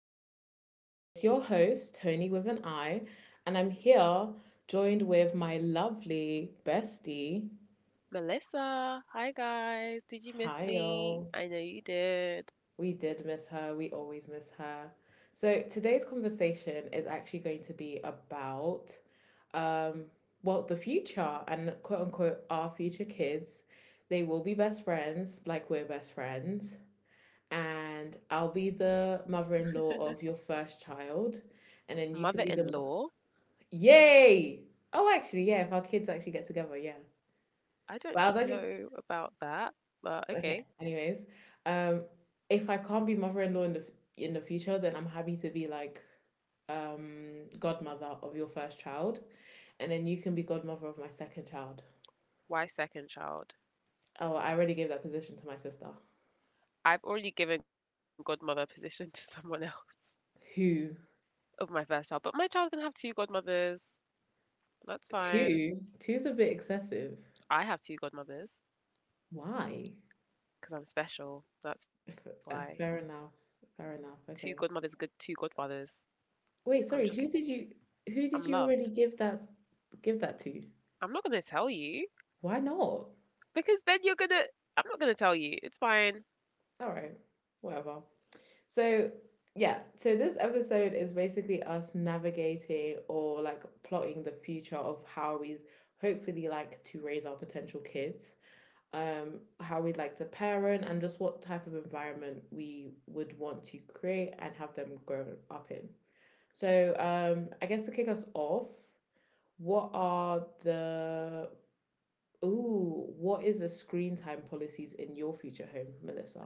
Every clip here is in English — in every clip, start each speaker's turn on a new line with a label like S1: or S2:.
S1: Chat. It's your host, Tony with an I, and I'm here joined with my lovely bestie.
S2: Melissa. Hi, guys. Did you miss
S1: Hi,
S2: me?
S1: y'all.
S2: I know you did.
S1: We did miss her. We always miss her. So, today's conversation is actually going to be about, um, well, the future and quote unquote our future kids. They will be best friends, like we're best friends. And I'll be the mother-in-law of your first child, and then you
S2: Mother
S1: can be
S2: in
S1: the
S2: law.
S1: yay. Oh, actually, yeah. If our kids actually get together, yeah.
S2: I don't
S1: But I was actually
S2: know about that, but
S1: okay.
S2: okay.
S1: Anyways, um, if I can't be mother-in-law in the in the future, then I'm happy to be like godmother of your first child, and then you can be godmother of my second child.
S2: Why second child?
S1: Oh, I already gave that position to my sister.
S2: I've already given godmother position to someone else
S1: Who?
S2: of my first child, but my child can have two godmothers. That's fine.
S1: Two? Two's a bit excessive.
S2: I have two godmothers
S1: Why?
S2: because I'm special. That's why.
S1: Fair enough. Fair
S2: Two
S1: enough.
S2: godmothers,
S1: Okay.
S2: good two godfathers.
S1: Wait,
S2: I'm just,
S1: sorry, who did you who
S2: I'm
S1: did you already
S2: loved.
S1: give that to?
S2: I'm not gonna tell you
S1: Why not?
S2: because then you're gonna. I'm not gonna tell you. It's fine.
S1: All right. Whatever. So, yeah, so this episode is basically us navigating or like plotting the future of how we hopefully like to raise our potential kids. How we'd like to parent and just what type of environment we would want to create and have them grow up in. So I guess to kick us off, What are the what is the screen time policies in your future home, Melissa?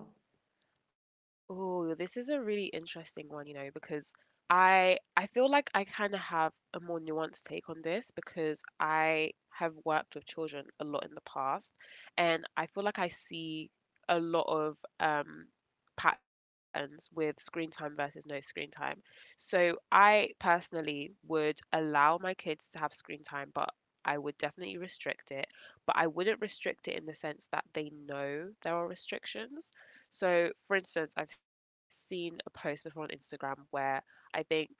S2: Oh, this is a really interesting one, you know, because I feel like I kind of have a more nuanced take on this because I have worked with children a lot in the past, and I feel like I see a lot of patterns with screen time versus no screen time. So I personally would allow my kids to have screen time, but I would definitely restrict it, but I wouldn't restrict it in the sense that they know there are restrictions. So, for instance, I've seen a post before on Instagram where I think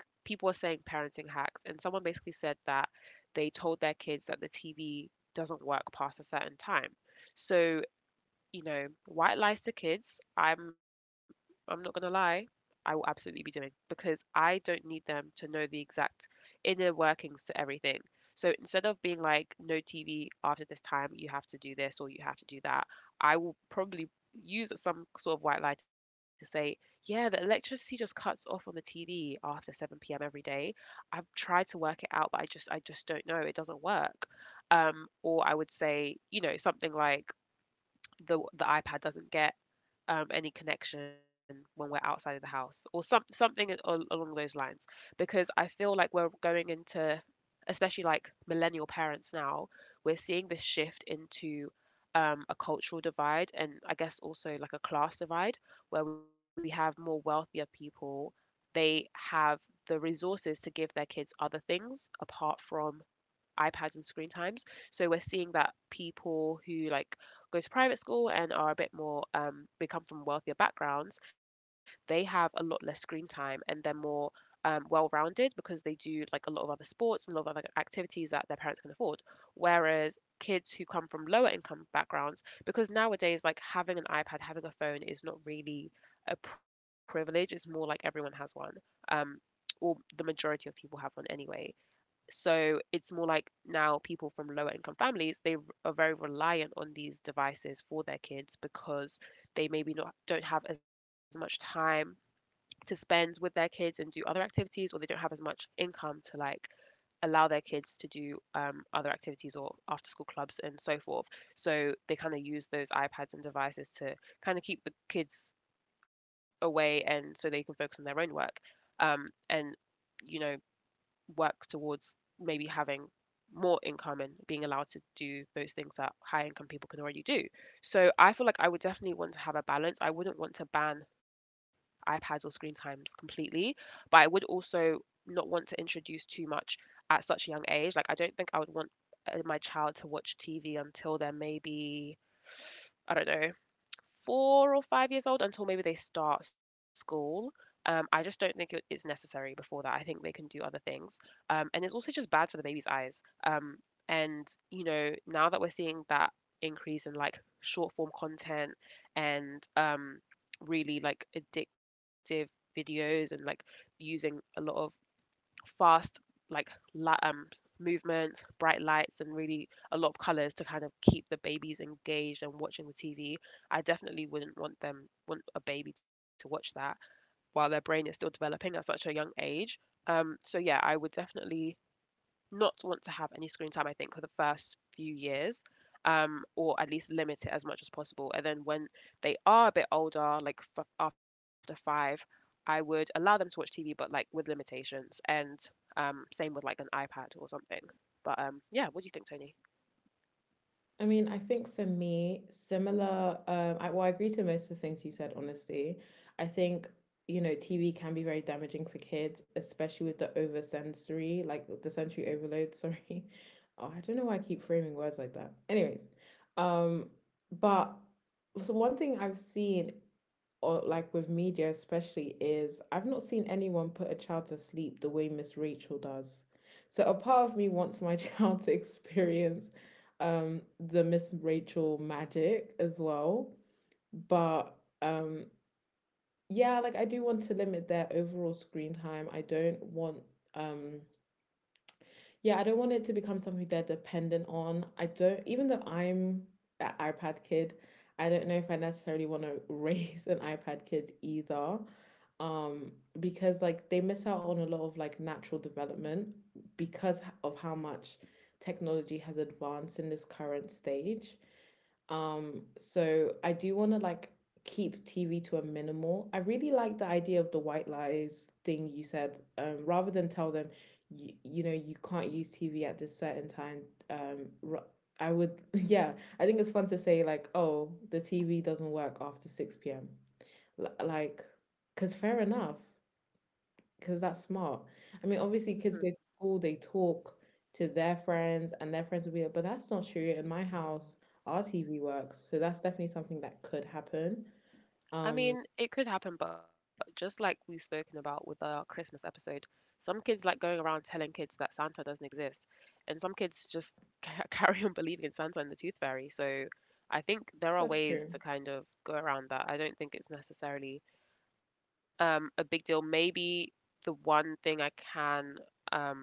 S2: people are saying parenting hacks, and someone basically said that they told their kids that the TV doesn't work past a certain time. So, you know, white lies to kids, I'm not gonna lie, I will absolutely be doing because I don't need them to know the exact inner workings to everything. So instead of being like, no TV after this time, you have to do this or you have to do that, I will probably use some sort of white lie to say, yeah, the electricity just cuts off on the TV after 7 p.m. every day. I've tried to work it out, but I just don't know. It doesn't work. Or I would say, you know, something like, the iPad doesn't get any connection when we're outside of the house or something along those lines because I feel like we're going into, especially like millennial parents now, we're seeing this shift into a cultural divide, and I guess also like a class divide, where we have more wealthier people. They have the resources to give their kids other things apart from iPads and screen times. So we're seeing that people who like go to private school and are a bit more they come from wealthier backgrounds, they have a lot less screen time and they're more well-rounded because they do like a lot of other sports and a lot of other activities that their parents can afford. Whereas kids who come from lower income backgrounds, because nowadays like having an iPad, having a phone is not really a privilege. It's more like everyone has one, um, or the majority of people have one anyway. So it's more like now people from lower income families, are very reliant on these devices for their kids because they maybe not don't have as much time to spend with their kids and do other activities, or they don't have as much income to like allow their kids to do other activities or after school clubs and so forth. So they kind of use those iPads and devices to kind of keep the kids away and so they can focus on their own work. Um, and You know, work towards maybe having more income and being allowed to do those things that high income people can already do. So I feel like I would definitely want to have a balance. I wouldn't want to ban iPads or screen times completely, but I would also not want to introduce too much at such a young age. Like I don't think I would want my child to watch TV until they're maybe, I don't know, 4 or 5 years old, until maybe they start school. I just don't think it's necessary before that. I think they can do other things. And it's also just bad for the baby's eyes. Um, and, you know, now that we're seeing that increase in like short form content and really like addictive videos and like using a lot of fast like la- um movement, bright lights, and really a lot of colors to kind of keep the babies engaged and watching the TV, I definitely wouldn't want them want a baby to watch that while their brain is still developing at such a young age. So yeah, I would definitely not want to have any screen time, I think, for the first few years, or at least limit it as much as possible. And then when they are a bit older, like after five, I would allow them to watch TV, but like with limitations. And same with like an iPad or something. But yeah, what do you think, Tony?
S1: I mean, I think for me, similar. I, well, I agree to most of the things you said. Honestly, I think, you know, TV can be very damaging for kids, especially with the over sensory, like the sensory overload. Sorry, oh, I don't know why I keep framing words like that. Anyways, um, but so one thing I've seen or like with media especially is I've not seen anyone put a child to sleep the way Miss Rachel does. So a part of me wants my child to experience the Miss Rachel magic as well. But um yeah, like I do want to limit their overall screen time. I don't want um yeah, I don't want it to become something they're dependent on. I don't, even though I'm an iPad kid, I don't know if I necessarily want to raise an iPad kid either, um because like they miss out on a lot of like natural development because of how much technology has advanced in this current stage. So I do want to like keep TV to a minimal. I really like the idea of the white lies thing you said, rather than tell them you can't use TV at this certain time. um I would, yeah, I think it's fun to say like, oh, the TV doesn't work after 6 p.m. Like, because fair enough, because that's smart. I mean, obviously, kids go to school, they talk to their friends, and their friends will be like, but that's not true. In my house, our TV works. So that's definitely something that could happen.
S2: I
S1: Um,
S2: mean, it could happen, but just like we've spoken about with our Christmas episode, some kids like going around telling kids that Santa doesn't exist, and some kids just carry on believing in Santa and the Tooth Fairy. So I think there are
S1: that's
S2: ways
S1: true.
S2: to kind of go around that. I don't think it's necessarily a big deal. Maybe the one thing um,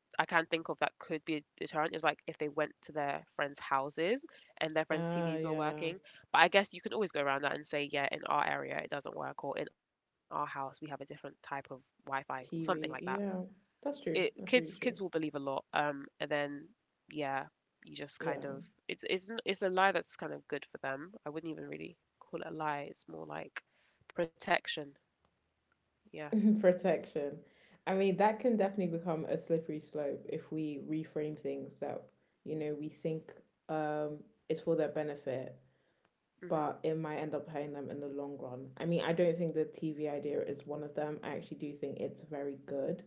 S2: I can think of that could be a deterrent is like if they went to their friends' houses and their friends'
S1: Ah,
S2: TVs were
S1: yeah.
S2: working. But I guess you can always go around that and say, yeah, in our area it doesn't work, or in our house we have a different type of Wi-Fi or something like that.
S1: TV. Yeah, that's
S2: It,
S1: true.
S2: kids
S1: That's really
S2: kids will
S1: true.
S2: believe a lot. And then yeah, you just
S1: Yeah.
S2: kind of, it's it's a lie that's kind of good for them. I wouldn't even really call it a lie. It's more like protection. Yeah.
S1: Protection. I mean, that can definitely become a slippery slope if we reframe things that, you know, we think um, is for their benefit,
S2: hmm
S1: but it might end up hurting them in the long run. I mean, I don't think the TV idea is one of them. I actually do think it's very good.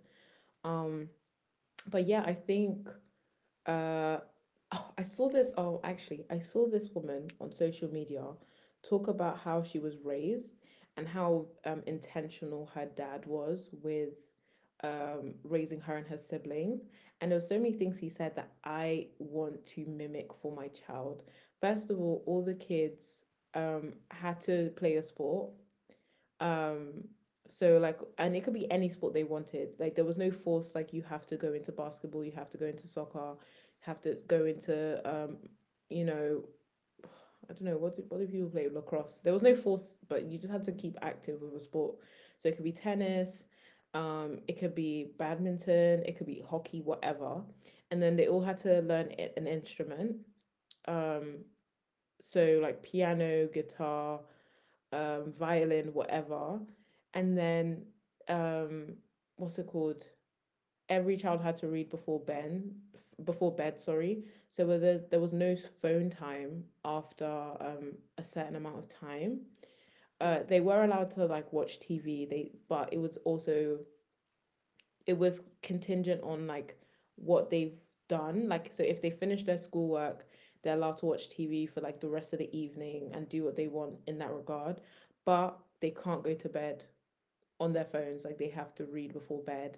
S1: Um, but yeah, I think, uh, oh, I saw this. Oh, actually, I saw this woman on social media talk about how she was raised and how intentional her dad was with raising her and her siblings. And there were so many things he said that I want to mimic for my child. First of all the kids had to play a sport, um, so like, and it could be any sport they wanted. Like there was no force. Like you have to go into basketball. You have to go into soccer. Have to go into you know, I don't know, what do people play, lacrosse. There was no force, but you just had to keep active with a sport. So it could be tennis. It could be badminton. It could be hockey. Whatever. And then they all had to learn an instrument. Um, so like piano, guitar, violin, whatever. And then, um, what's it called? Every child had to read before bed. Sorry. So there was no phone time after a certain amount of time. They were allowed to like watch TV. They, but it was also it was contingent on like what they've done. Like so if they finish their schoolwork, they're allowed to watch TV for like the rest of the evening and do what they want in that regard. But they can't go to bed on their phones, like they have to read before bed.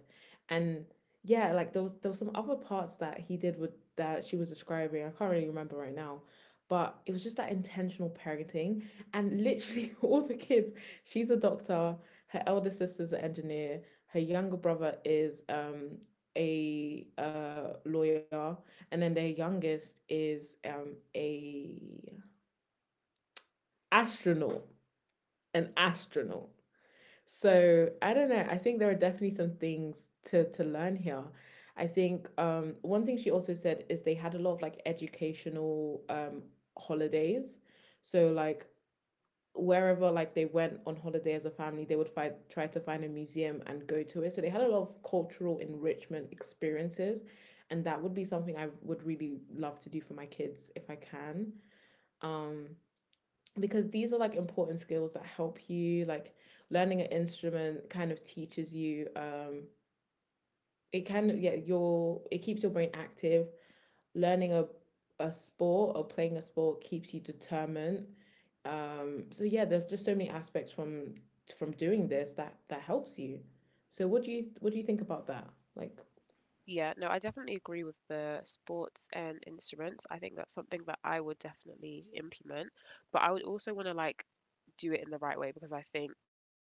S1: And yeah, like there was some other parts that he did with that she was describing, I can't really remember right now, but it was just that intentional parenting. And literally all the kids, she's a doctor, her elder sister's an engineer, her younger brother is a lawyer, and then their youngest is a astronaut, an astronaut. So I don't know. I think there are definitely some things to learn here. I think one thing she also said is they had a lot of like educational holidays. So like wherever like they went on holiday as a family, they would find try to find a museum and go to it. So they had a lot of cultural enrichment experiences, and that would be something I would really love to do for my kids if I can. Um, because these are like important skills that help you like learning an instrument kind of teaches you, it can, yeah, your it keeps your brain active, learning a sport or playing a sport keeps you determined. So yeah, there's just so many aspects from doing this that that helps you. So what do you think about that, like?
S2: Yeah, no, I definitely agree with the sports and instruments. I think that's something that I would definitely implement, but I would also want to like do it in the right way because I think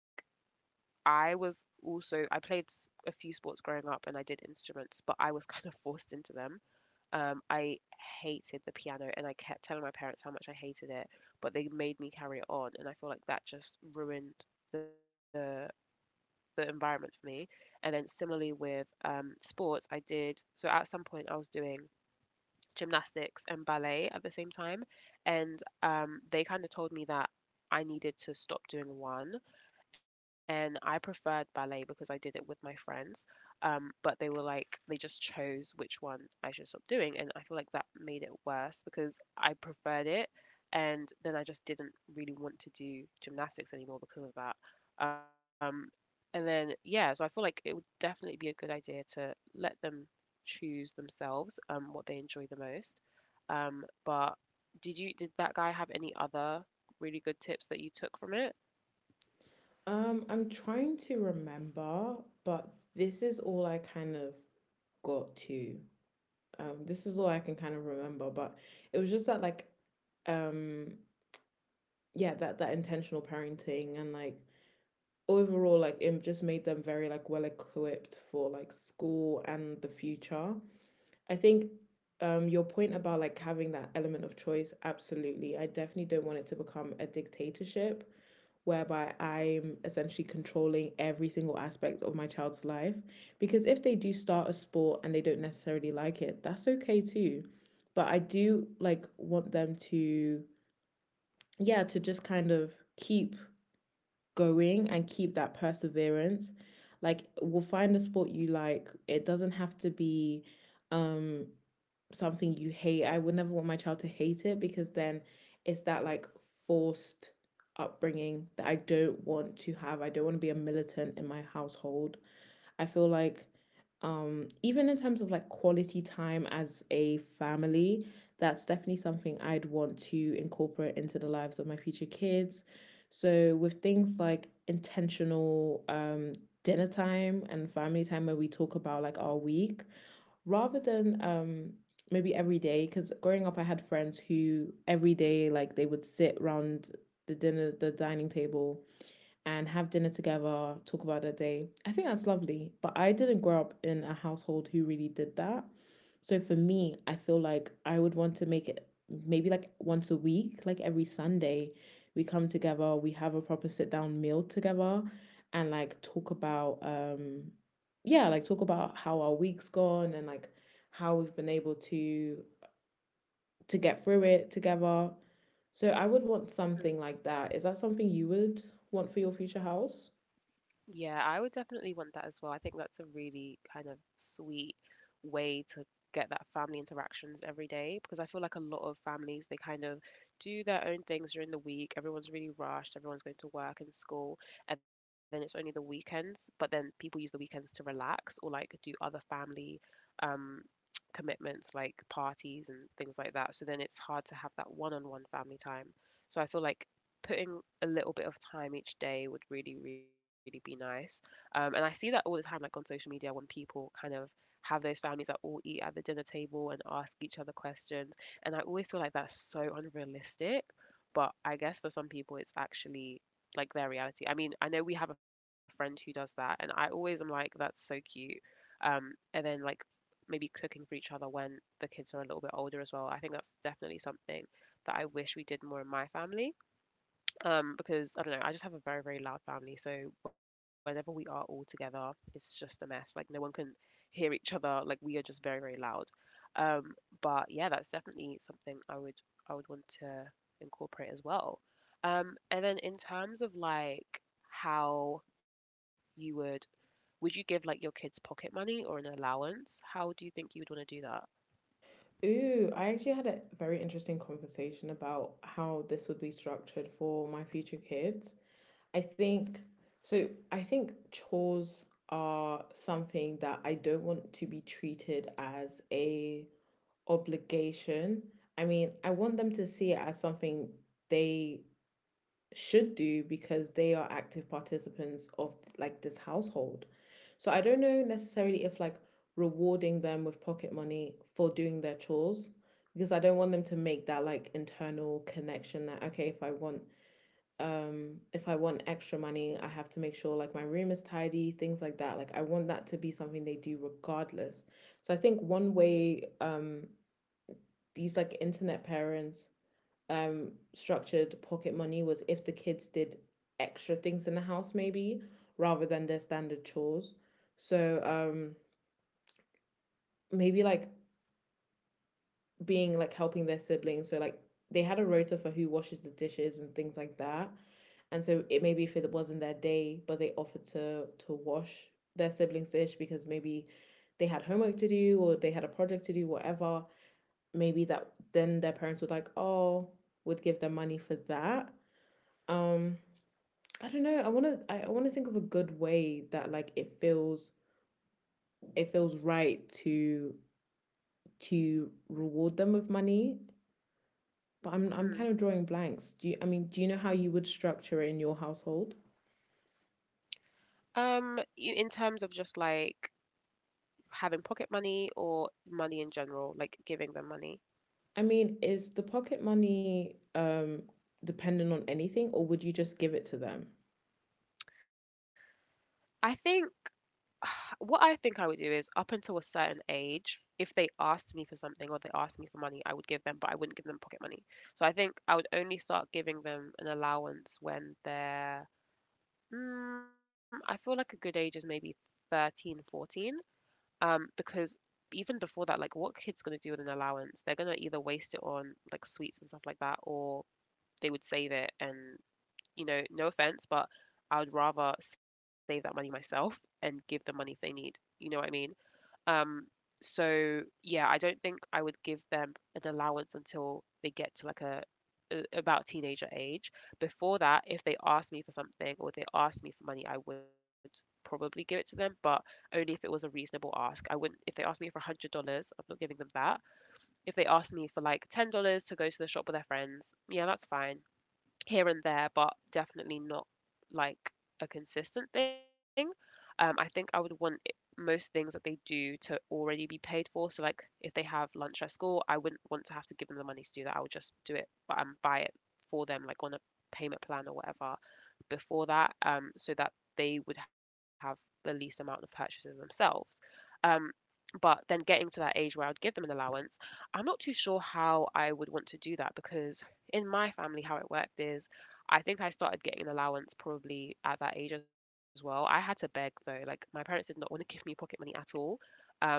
S2: I was also I played a few sports growing up and I did instruments, but I was kind of forced into them. I hated the piano and I kept telling my parents how much I hated it, but they made me carry it on, and I feel like that just ruined the the environment for me. And then similarly with sports, I did so at some point I was doing gymnastics and ballet at the same time, and they kind of told me that I needed to stop doing one, and I preferred ballet because I did it with my friends. But they were like, they just chose which one I should stop doing, and I feel like that made it worse because I preferred it, and then I just didn't really want to do gymnastics anymore because of that. Um, and then Yeah, so I feel like it would definitely be a good idea to let them choose themselves what they enjoy the most. But did you, did that guy have any other really good tips that you took from it?
S1: I'm trying to remember, but this is all I kind of got to. This is all I can kind of remember, but it was just that like, um yeah, that that intentional parenting and like overall, like it just made them very like well equipped for like school and the future. I think, your point about like having that element of choice, absolutely. I definitely don't want it to become a dictatorship whereby I'm essentially controlling every single aspect of my child's life. Because if they do start a sport and they don't necessarily like it, that's okay too. But I do like want them to, yeah, to just kind of keep going and keep that perseverance. Like, we'll find a sport you like. It doesn't have to be um something you hate. I would never want my child to hate it because then it's that like forced upbringing that I don't want to have. I don't want to be a militant in my household. I feel like, even in terms of like quality time as a family, that's definitely something I'd want to incorporate into the lives of my future kids. So with things like intentional dinner time and family time where we talk about like our week, rather than maybe every day, because growing up I had friends who every day like they would sit around the dining table and have dinner together, talk about their day. I think that's lovely. But I didn't grow up in a household who really did that. So for me, I feel like I would want to make it maybe like once a week, like every Sunday, we come together, we have a proper sit down meal together and like talk about, yeah, like talk about how our week's gone and like how we've been able to get through it together. So I would want something like that. Is that something you would want for your future house?
S2: Yeah, I would definitely want that as well. I think that's a really kind of sweet way to get that family interactions every day, because I feel like a lot of families they kind of do their own things during the week. Everyone's really rushed, everyone's going to work and school, and then it's only the weekends, but then people use the weekends to relax or like do other family um commitments like parties and things like that. So then it's hard to have that one-on-one family time. So I feel like putting a little bit of time each day would really, really be nice. And I see that all the time, like on social media, when people kind of have those families that all eat at the dinner table and ask each other questions. And I always feel like that's so unrealistic. But I guess for some people, it's actually like their reality. I mean, I know we have a friend who does that, and I always am like, that's so cute. Um, and then, like, maybe cooking for each other when the kids are a little bit older as well. I think that's definitely something that I wish we did more in my family because I don't know, I just have a very, very loud family, so whenever we are all together it's just a mess, like no one can hear each other, like we are just very, very loud. um but yeah, that's definitely something I would want to incorporate as well. And then, in terms of like how you would you give like your kids pocket money or an allowance? How do you think you would want to do that?
S1: Ooh, I actually had a very interesting conversation about how this would be structured for my future kids. I think, so I think chores are something that I don't want to be treated as a obligation. I mean, I want them to see it as something they should do because they are active participants of like this household. So I don't know necessarily if like rewarding them with pocket money for doing their chores, because I don't want them to make that like internal connection that, okay, if I want extra money I have to make sure like my room is tidy, things like that. Like, I want that to be something they do regardless. So I think one way these like internet parents structured pocket money was if the kids did extra things in the house, maybe rather than their standard chores. So maybe like being like helping their siblings. So like they had a rota for who washes the dishes and things like that, and so it maybe if it wasn't their day but they offered to wash their siblings dish because maybe they had homework to do or they had a project to do, whatever. Maybe that then their parents would like, oh, would give them money for that. um I don't know. I wanna think of a good way that like it feels right to reward them with money. But I'm kind of drawing blanks. Do you know how you would structure it in your household?
S2: Mm. In terms of just like having pocket money or money in general, like giving them money.
S1: I mean, is the pocket money dependent on anything, or would you just give it to them?
S2: I think what I think I would do is up until a certain age, if they asked me for something or they asked me for money, I would give them, but I wouldn't give them pocket money. So I think I would only start giving them an allowance when they're, I feel like a good age is maybe 13, 14. Because even before that, like what kids gonna do with an allowance? They're gonna either waste it on like sweets and stuff like that, or they would save it and no offense, but I would rather save that money myself and give them money if they need. You know what I mean? Um, so yeah, I don't think I would give them an allowance until they get to like a about teenager age. Before that, if they asked me for something or they asked me for money, I would probably give it to them, but only if it was a reasonable ask. I wouldn't — if they asked me for $100, I'm not giving them that. If they asked me for like $10 to go to the shop with their friends, yeah, that's fine here and there, but definitely not like a consistent thing. I think I would want it, most things that they do to already be paid for. So like if they have lunch at school, I wouldn't want to have to give them the money to do that. I would just do it, but buy it for them like on a payment plan or whatever before that, so that they would have the least amount of purchases themselves. Um, but then getting to that age where I'd give them an allowance, I'm not too sure how I would want to do that because in my family, how it worked is I think I started getting an allowance probably at that age as well. I had to beg though. Like my parents did not want to give me pocket money at all. Um,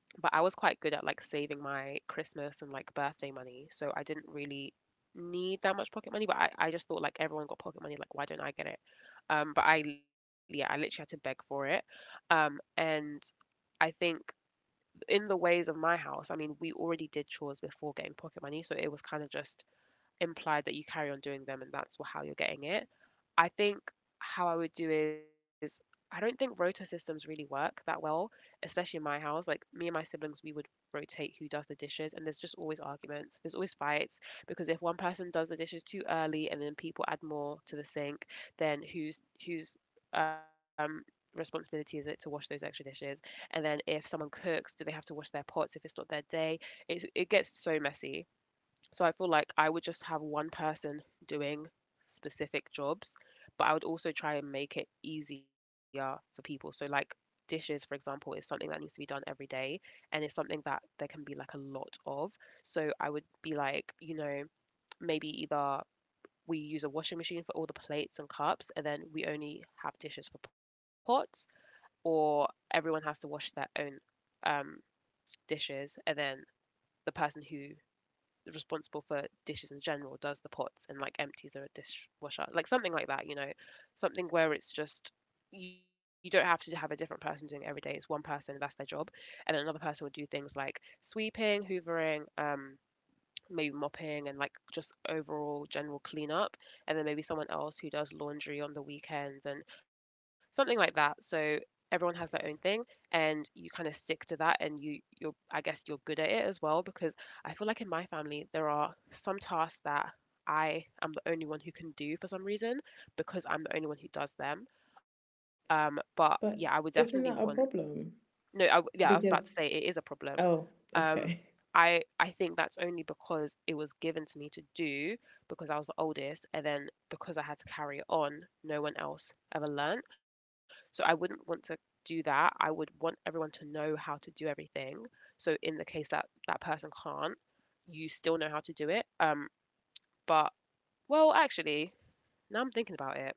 S2: but I was quite good at like saving my Christmas and like birthday money. So I didn't really need that much pocket money, but I just thought like everyone got pocket money, like why don't I get it? But I, yeah, I literally had to beg for it. Um, and I think in the ways of my house, I mean, we already did chores before getting pocket money, so it was kind of just implied that you carry on doing them and how you're getting it. I think how I would do is I don't think rota systems really work that well, especially in my house. Like me and my siblings, we would rotate who does the dishes, and there's just always arguments. There's always fights because if one person does the dishes too early and then people add more to the sink, then who's who's um responsibility is it to wash those extra dishes? And then if someone cooks, do they have to wash their pots if it's not their day? It gets so messy. So I feel like I would just have one person doing specific jobs, but I would also try and make it easier for people. So, like dishes, for example, is something that needs to be done every day and it's something that there can be like a lot of. So, I would be like, you know, maybe either we use a washing machine for all the plates and cups and then we only have dishes for pots, or everyone has to wash their own um, dishes and then the person who responsible for dishes in general does the pots and like empties the dishwasher, like something like that, you know, something where it's just you don't have to have a different person doing it every day, it's one person and that's their job. And then another person would do things like sweeping, hoovering, maybe mopping and like just overall general cleanup, and then maybe someone else who does laundry on the weekends and something like that. So everyone has their own thing and you kind of stick to that and you're I guess you're good at it as well because I feel like in my family there are some tasks that I am the only one who can do for some reason because I'm the only one who does them. But yeah, I would
S1: But
S2: definitely want —
S1: isn't that a problem?
S2: no, I, yeah, I was about to
S1: Because,
S2: say it is a problem.
S1: oh,
S2: um,
S1: okay.
S2: I think that's only because it was given to me to do because I was the oldest, and then because I had to carry it on, no one else ever learnt. So I wouldn't want to do that. I would want everyone to know how to do everything. So in the case that that person can't, you still know how to do it. But well, actually, now I'm thinking about it.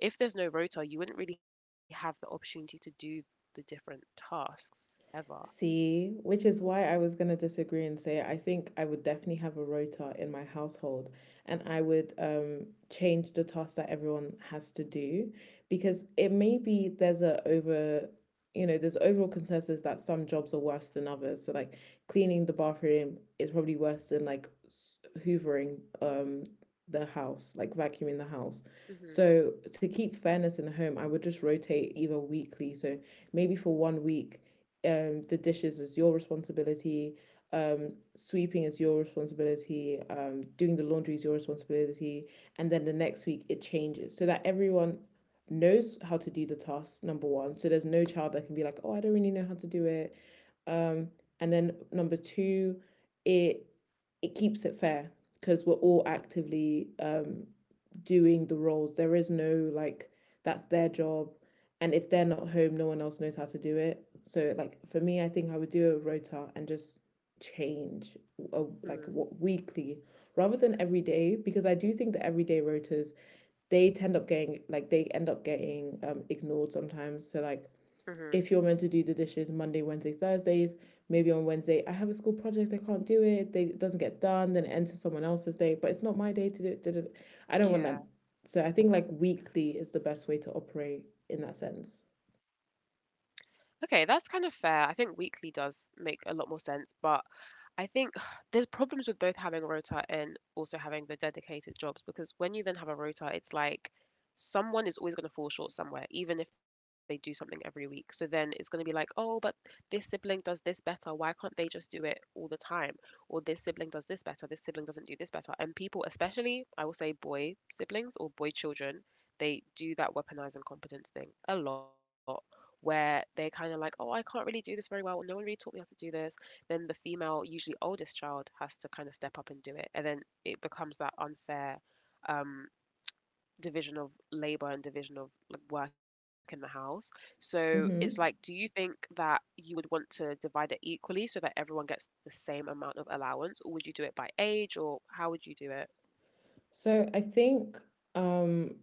S2: If there's no rota, you wouldn't really have the opportunity to do the different tasks ever.
S1: See, which is why I was going to disagree and say I think I would definitely have a rota in my household, and I would change the tasks that everyone has to do, because it may be there's a over you know there's overall consensus that some jobs are worse than others. So like cleaning the bathroom is probably worse than like hoovering, um the house, like vacuuming the house.
S2: Mhm.
S1: So to keep fairness in the home, I would just rotate either weekly. So maybe for 1 week, the dishes is your responsibility, sweeping is your responsibility, doing the laundry is your responsibility. And then the next week it changes so that everyone knows how to do the task. Number one, so there's no child that can be like, oh, I don't really know how to do it. um and then number two, it it keeps it fair, because we're all actively doing the roles. There is no like that's their job, and if they're not home, no one else knows how to do it. So like for me, I think I would do a rota and just change, like,
S2: Mhm.
S1: what, weekly rather than every day, because I do think that everyday rotas, they end up getting ignored sometimes. So like
S2: Mhm.
S1: if you're meant to do the dishes Monday, Wednesday, Thursdays, maybe on Wednesday I have a school project, I can't do it, they it doesn't get done, then it enters someone else's day, but it's not my day to do it. I don't want
S2: Yeah.
S1: that. So I think like weekly is the best way to operate in that sense.
S2: Okay, that's kind of fair. I think weekly does make a lot more sense, but I think there's problems with both having a rota and also having the dedicated jobs because when you then have a rota, it's like someone is always going to fall short somewhere, even if they do something every week. So then it's going to be like, oh, but this sibling does this better. Why can't they just do it all the time? Or this sibling does this better. This sibling doesn't do this better. And people, especially, I will say, boy siblings or boy children, they do that weaponized incompetence thing a lot. Where they're kind of like, oh, I can't really do this very well, or no one really taught me how to do this, then the female, usually oldest child, has to kind of step up and do it. And then it becomes that unfair um, division of labor and division of like work in the house. So it's like, do you
S1: Mm-hmm.
S2: think that you would want to divide it equally so that everyone gets the same amount of allowance, or would you do it by age, or how would you do it?
S1: So I think, um,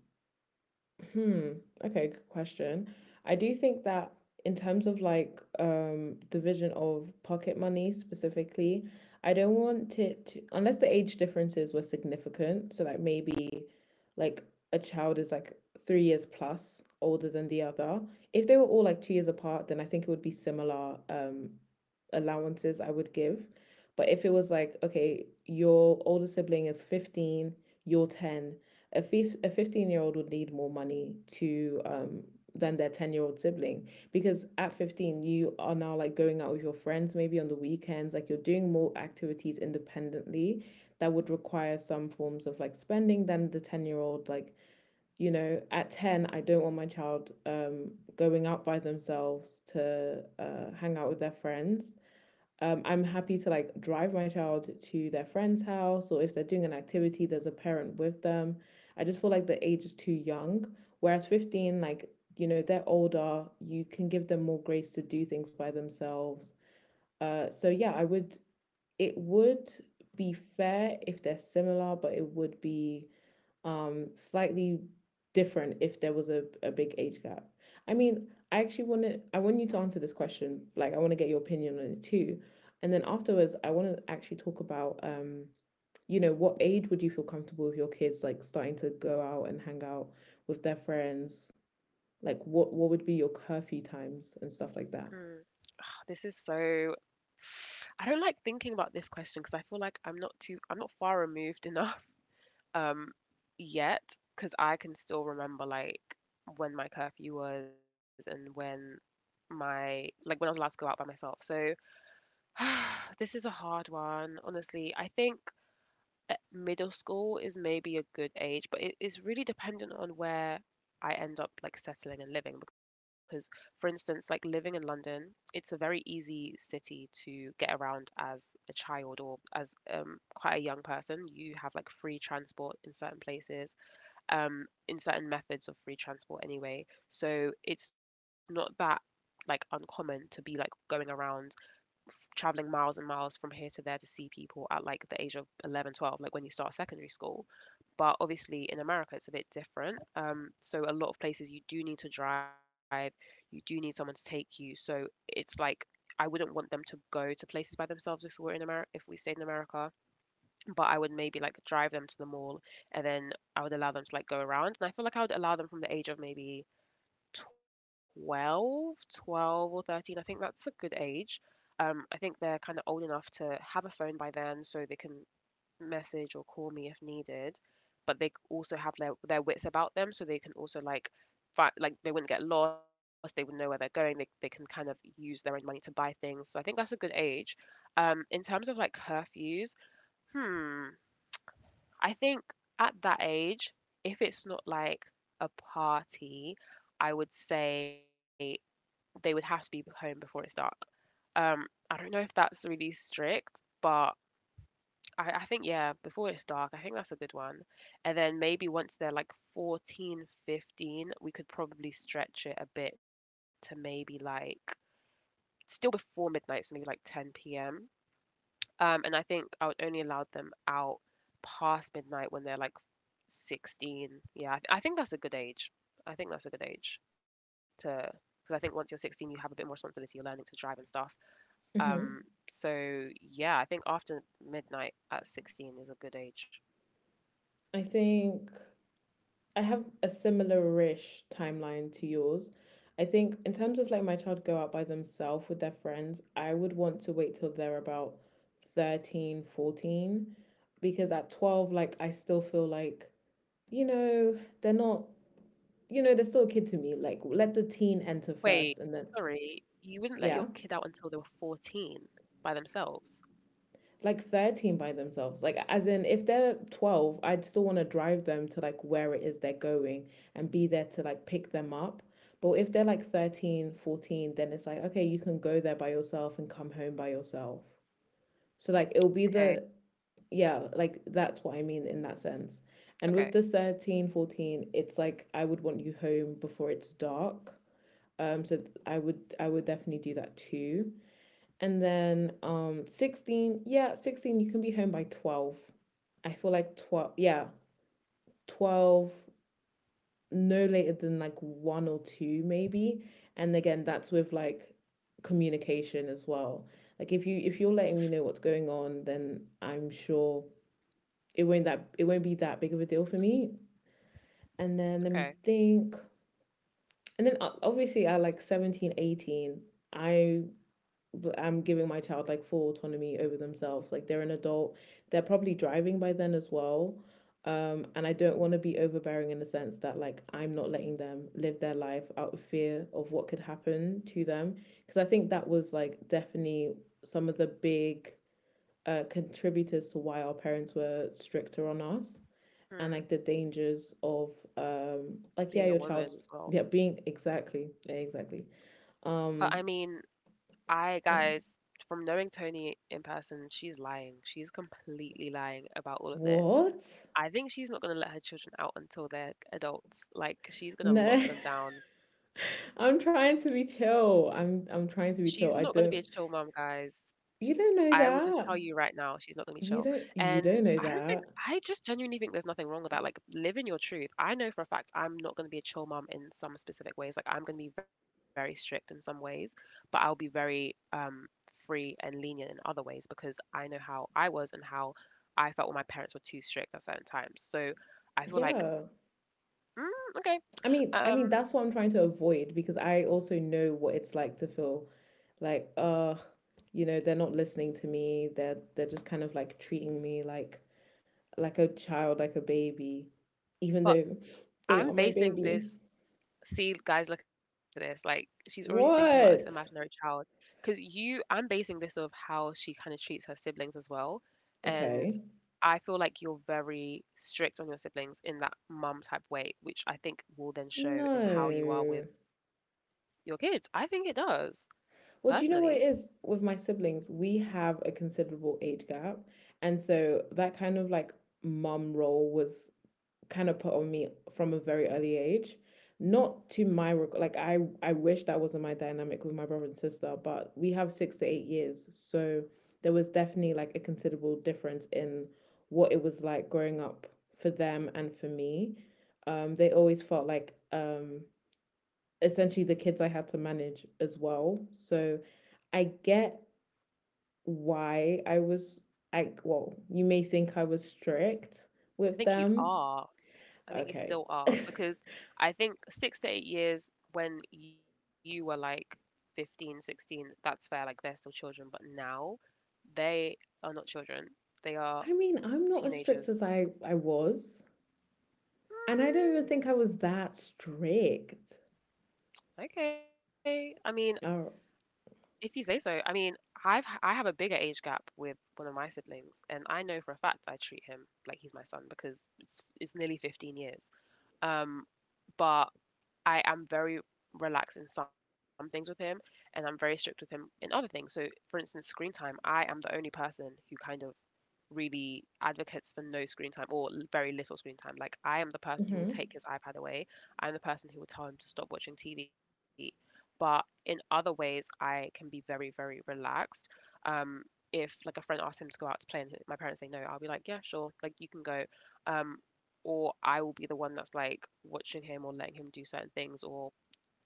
S1: hmm, okay, good question. I do think that in terms of like division of pocket money specifically, I don't want it to, unless the age differences were significant. So like maybe like a child is like 3 years plus older than the other. If they were all like 2 years apart, then I think it would be similar allowances I would give. But if it was like, okay, your older sibling is 15, you're 10, a 15-year-old would need more money to than their 10-year-old sibling, because at 15 you are now like going out with your friends maybe on the weekends, like you're doing more activities independently that would require some forms of like spending than the 10-year old. Like, you know, at 10 I don't want my child going out by themselves to, hang out with their friends. I'm happy to like drive my child to their friend's house, or if they're doing an activity, there's a parent with them. I just feel like the age is too young. Whereas 15, like, you know, they're older, you can give them more grace to do things by themselves. So yeah, it would be fair if they're similar, but it would be slightly different if there was a big age gap. I mean, I want you to answer this question. Like, I want to get your opinion on it too. And then afterwards, I want to actually talk about, what age would you feel comfortable with your kids like starting to go out and hang out with their friends? Like what would be your curfew times and stuff like that?
S2: Mm, this is so — I don't like thinking about this question because I feel like I'm not too, I'm not far removed enough um yet because I can still remember like when my curfew was and when my — like when I was allowed to go out by myself. So this is a hard one, honestly. I think middle school is maybe a good age, but it is really dependent on where I end up like settling and living because for instance, like living in London, it's a very easy city to get around as a child or as quite a young person. You have like free transport in certain places, in certain methods of free transport anyway. So it's not that like uncommon to be like going around traveling miles and miles from here to there to see people at like the age of 11, 12, like when you start secondary school. But obviously in America it's a bit different, so a lot of places you do need to drive, you do need someone to take you, so it's like I wouldn't want them to go to places by themselves if we were in America, if we stayed in America. But I would maybe like drive them to the mall and then I would allow them to like go around. And I feel like I would allow them from the age of maybe 12, 12 or 13. I think that's a good age. I think they're kind of old enough to have a phone by then so they can message or call me if needed, but they also have their wits about them so they can also like like they wouldn't get lost, they would know where they're going, they can kind of use their own money to buy things. So I think that's a good age. In terms of like curfews, hmm, I think at that age, if it's not like a party, I would say they would have to be home before it's dark. Um, I don't know if that's really strict, but I think, yeah, before it's dark, I think that's a good one. And then maybe once they're like 14, 15, we could probably stretch it a bit to maybe like still before midnight, so maybe like 10 p.m. And I think I would only allow them out past midnight when they're like 16. Yeah, I, I think that's a good age. I think that's a good age to, because I think once you're 16, you have a bit more responsibility. You're learning to drive and stuff. Um,
S1: hmm
S2: so yeah, I think after midnight at 16 is a good age.
S1: I think I have a similar-ish timeline to yours. I think in terms of like my child go out by themselves with their friends, I would want to wait till they're about 13, 14, because at 12 like I still feel like you know, they're not you know, they're still a kid to me. Like, let the teen
S2: Wait,
S1: enter first and then
S2: sorry, you wouldn't let your kid
S1: yeah.
S2: out until they were 14 by themselves.
S1: Like, 13 by themselves, like, as in, if they're 12 I'd still want to drive them to like where it is they're going and be there to like pick them up. But if they're like 13, 14, then it's like, okay, you can go there by yourself and come home by yourself. So like it'll be
S2: Okay,
S1: the, yeah, like that's what I mean in that sense. And with
S2: okay,
S1: the 13, 14, it's like I would want you home before it's dark. So I would definitely do that too. And then 16, yeah, 16 you can be home by 12. I feel like 12, yeah, 12 no later than like 1 or 2 maybe. And again, that's with like communication as well. Like if you're letting me know what's going on, then I'm sure it won't be that big of a deal for me. And then let
S2: okay.
S1: me think. And then obviously at like 17, 18 I I'm giving my child like full autonomy over themselves. Like, they're an adult, they're probably driving by then as well. And I don't want to be overbearing in the sense that like I'm not letting them live their life out of fear of what could happen to them. Because I think that was like definitely some of the big contributors to why our parents were stricter on us, and
S2: Hmm.
S1: like the dangers of like,
S2: Being
S1: yeah,
S2: a
S1: your
S2: woman
S1: child,
S2: as well.
S1: yeah, being exactly, yeah, exactly,
S2: But I mean,
S1: um
S2: I guys, from knowing Tony in person, she's lying. She's completely lying about all of this.
S1: what?
S2: I think she's not going to let her children out until they're adults. Like she's going to
S1: No,
S2: lock them down.
S1: I'm trying to be chill. I'm trying
S2: She's
S1: to be
S2: not going to
S1: chill.
S2: be a
S1: I
S2: chill
S1: don't.
S2: mom, guys.
S1: You don't
S2: I
S1: know
S2: would just tell you
S1: that.
S2: right now, she's not gonna be chill.
S1: You don't you
S2: And
S1: don't
S2: I
S1: know
S2: don't think
S1: that.
S2: I just genuinely think there's nothing wrong with that. Like living your truth. I know for a fact I'm not gonna be a chill mom in some specific ways. Like I'm gonna be very strict in some ways, but I'll be very free and lenient in other ways because I know how I was and how I felt when my parents were too strict at certain times. So I feel like
S1: Yeah.
S2: mm, okay,
S1: I mean,
S2: um,
S1: that's what I'm trying to avoid because I also know what it's like to feel like they're not listening to me. They're just kind of like treating me like a child, like a baby, even
S2: but
S1: though they
S2: I'm
S1: are my
S2: basing
S1: baby.
S2: this. See, guys, look at this, like she's already thinking about this imaginary
S1: What?
S2: child because you I'm basing this of how she kind of treats her siblings as well, and
S1: Okay.
S2: I feel like you're very strict on your siblings in that mum type way, which I think will then show
S1: No.
S2: in how you are with your kids. I think it does,
S1: Well, do
S2: personally.
S1: you know what it is with my siblings? We have a considerable age gap. And so that kind of like mum role was kind of put on me from a very early age. Not to my like, I wish that wasn't my dynamic with my brother and sister, but we have 6 to 8 years. So there was definitely like a considerable difference in what it was like growing up for them and for me. They always felt like essentially the kids I had to manage as well. So I get why I was like, well, you may think I was strict
S2: I
S1: with
S2: think you
S1: them.
S2: are. I think you
S1: Okay.
S2: still are
S1: I
S2: because I think 6 to 8 years when you were like 15, 16, that's fair. Like they're still children, but now they are not children. They are
S1: mean, I'm not as strict
S2: teenagers.
S1: as I was. And I don't even think I was that strict.
S2: Okay. I mean,
S1: Oh,
S2: if you say so. I mean, I have a bigger age gap with one of my siblings, and I know for a fact I treat him like he's my son because it's nearly 15 years. Um, but I am very relaxed in some things with him, and I'm very strict with him in other things. So, for instance, screen time. I am the only person who kind of really advocates for no screen time or very little screen time. Like I am the
S1: mhm.
S2: person who will take his iPad away. I'm the person who will tell him to stop watching TV. But in other ways, I can be very, very relaxed. Um, if like a friend asks him to go out to play and my parents say no, I'll be like, yeah, sure, like you can go. Um, or I will be the one that's like watching him or letting him do certain things or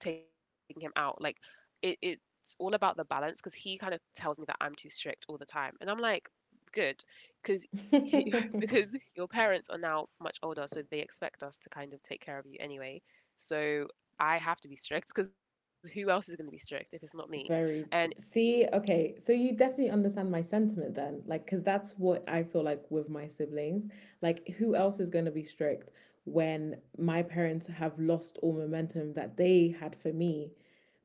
S2: taking him out. Like it's all about the balance because he kind of tells me that I'm too strict all the time, and I'm like, good, because because your parents are now much older, so they expect us to kind of take care of you anyway. So I have to be strict because who else is going to be strict if it's not me? And
S1: Very. See, okay. So you definitely understand my sentiment then. Like, because that's what I feel like with my siblings. Like, who else is going to be strict when my parents have lost all momentum that they had for me?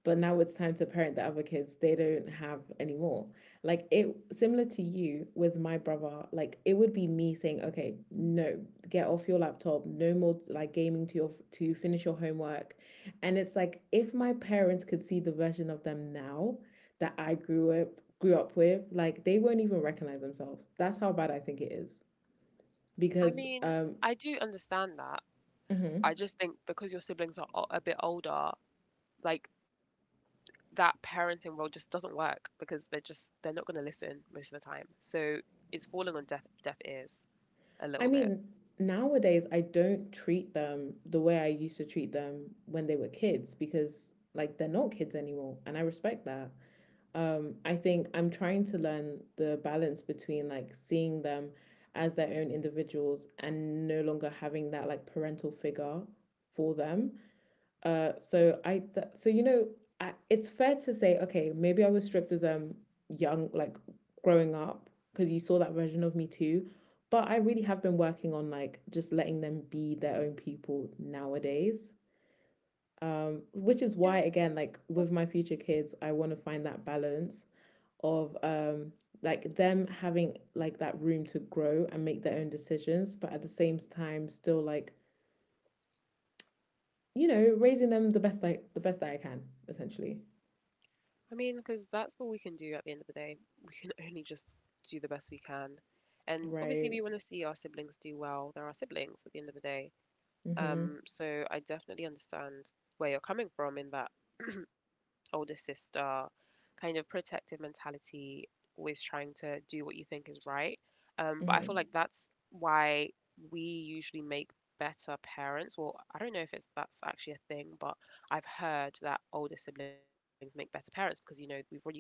S1: But now it's time to parent the other kids they don't have anymore. Like, it similar to you with my brother, like it would be me saying, okay, no, get off your laptop, no more like gaming, to finish your homework. And it's like if my parents could see the version of them now that I grew up with, like they won't even recognize themselves. That's how bad I think it is,
S2: I
S1: because
S2: mean, I do understand that.
S1: mm-hmm.
S2: I just think because your siblings are a bit older, like that parenting role just doesn't work because they're not going to listen most of the time. So it's falling on deaf ears a
S1: I
S2: little bit.
S1: mean, nowadays I don't treat them the way I used to treat them when they were kids, because like they're not kids anymore and I respect that. I think I'm trying to learn the balance between like seeing them as their own individuals and no longer having that like parental figure for them. So I th- so you know I, It's fair to say, okay, maybe I was stripped as young, like growing up, because you saw that version of me too. But I really have been working on like just letting them be their own people nowadays. Which is why
S2: Yeah,
S1: again,
S2: that's good.
S1: like with my future kids, I want to find that balance of like them having like that room to grow and make their own decisions, but at the same time still like raising them the best that I can, essentially.
S2: I mean, because that's all we can do at the end of the day. We can only just do the best we can, and obviously we want
S1: Right.
S2: to see our siblings do well. They're our siblings at the end of the day.
S1: Mhm.
S2: So I definitely understand where you're coming from in that older sister, kind of protective mentality, always trying to do what you think is right. But I feel
S1: Mhm.
S2: like that's why we usually make better parents. Well, I don't know if it's that's actually a thing, but I've heard that older siblings make better parents because you know we've already done it,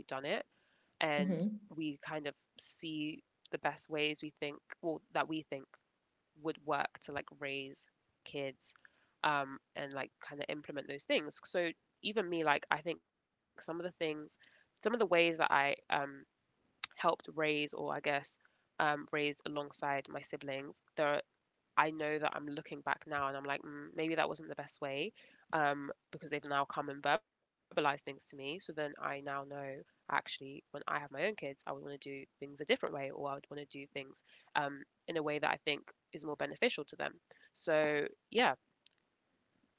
S2: and
S1: Mhm.
S2: we kind of see the best ways we think, well, that we think would work to like raise kids, and like kind of implement those things. So even me, like I think some of the ways that I helped raise, or I guess raised alongside my siblings, there are I know that I'm looking back now and I'm like, mm, maybe that wasn't the best way because they've now come and verbalized things to me. So then I now know actually when I have my own kids, I would want to do things a different way, or I would want to do things um, in a way that I think is more beneficial to them. So yeah,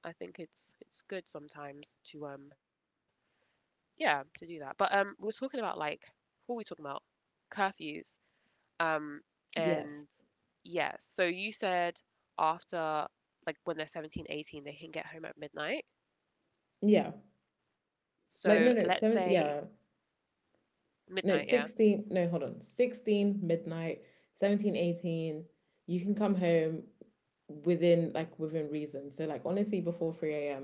S2: I think it's good sometimes to yeah to do that. But we were talking about like what were we talking about, curfews, um, and
S1: Yes.
S2: yeah, so you said after, like, when they're 1718 they can get home at midnight.
S1: Yeah.
S2: So let's
S1: Like, no, no,
S2: say
S1: 7, yeah.
S2: midnight, yeah.
S1: No, 16, no, hold on. 16 midnight, 17 18, you can come home within reason. So like honestly before 3 a.m.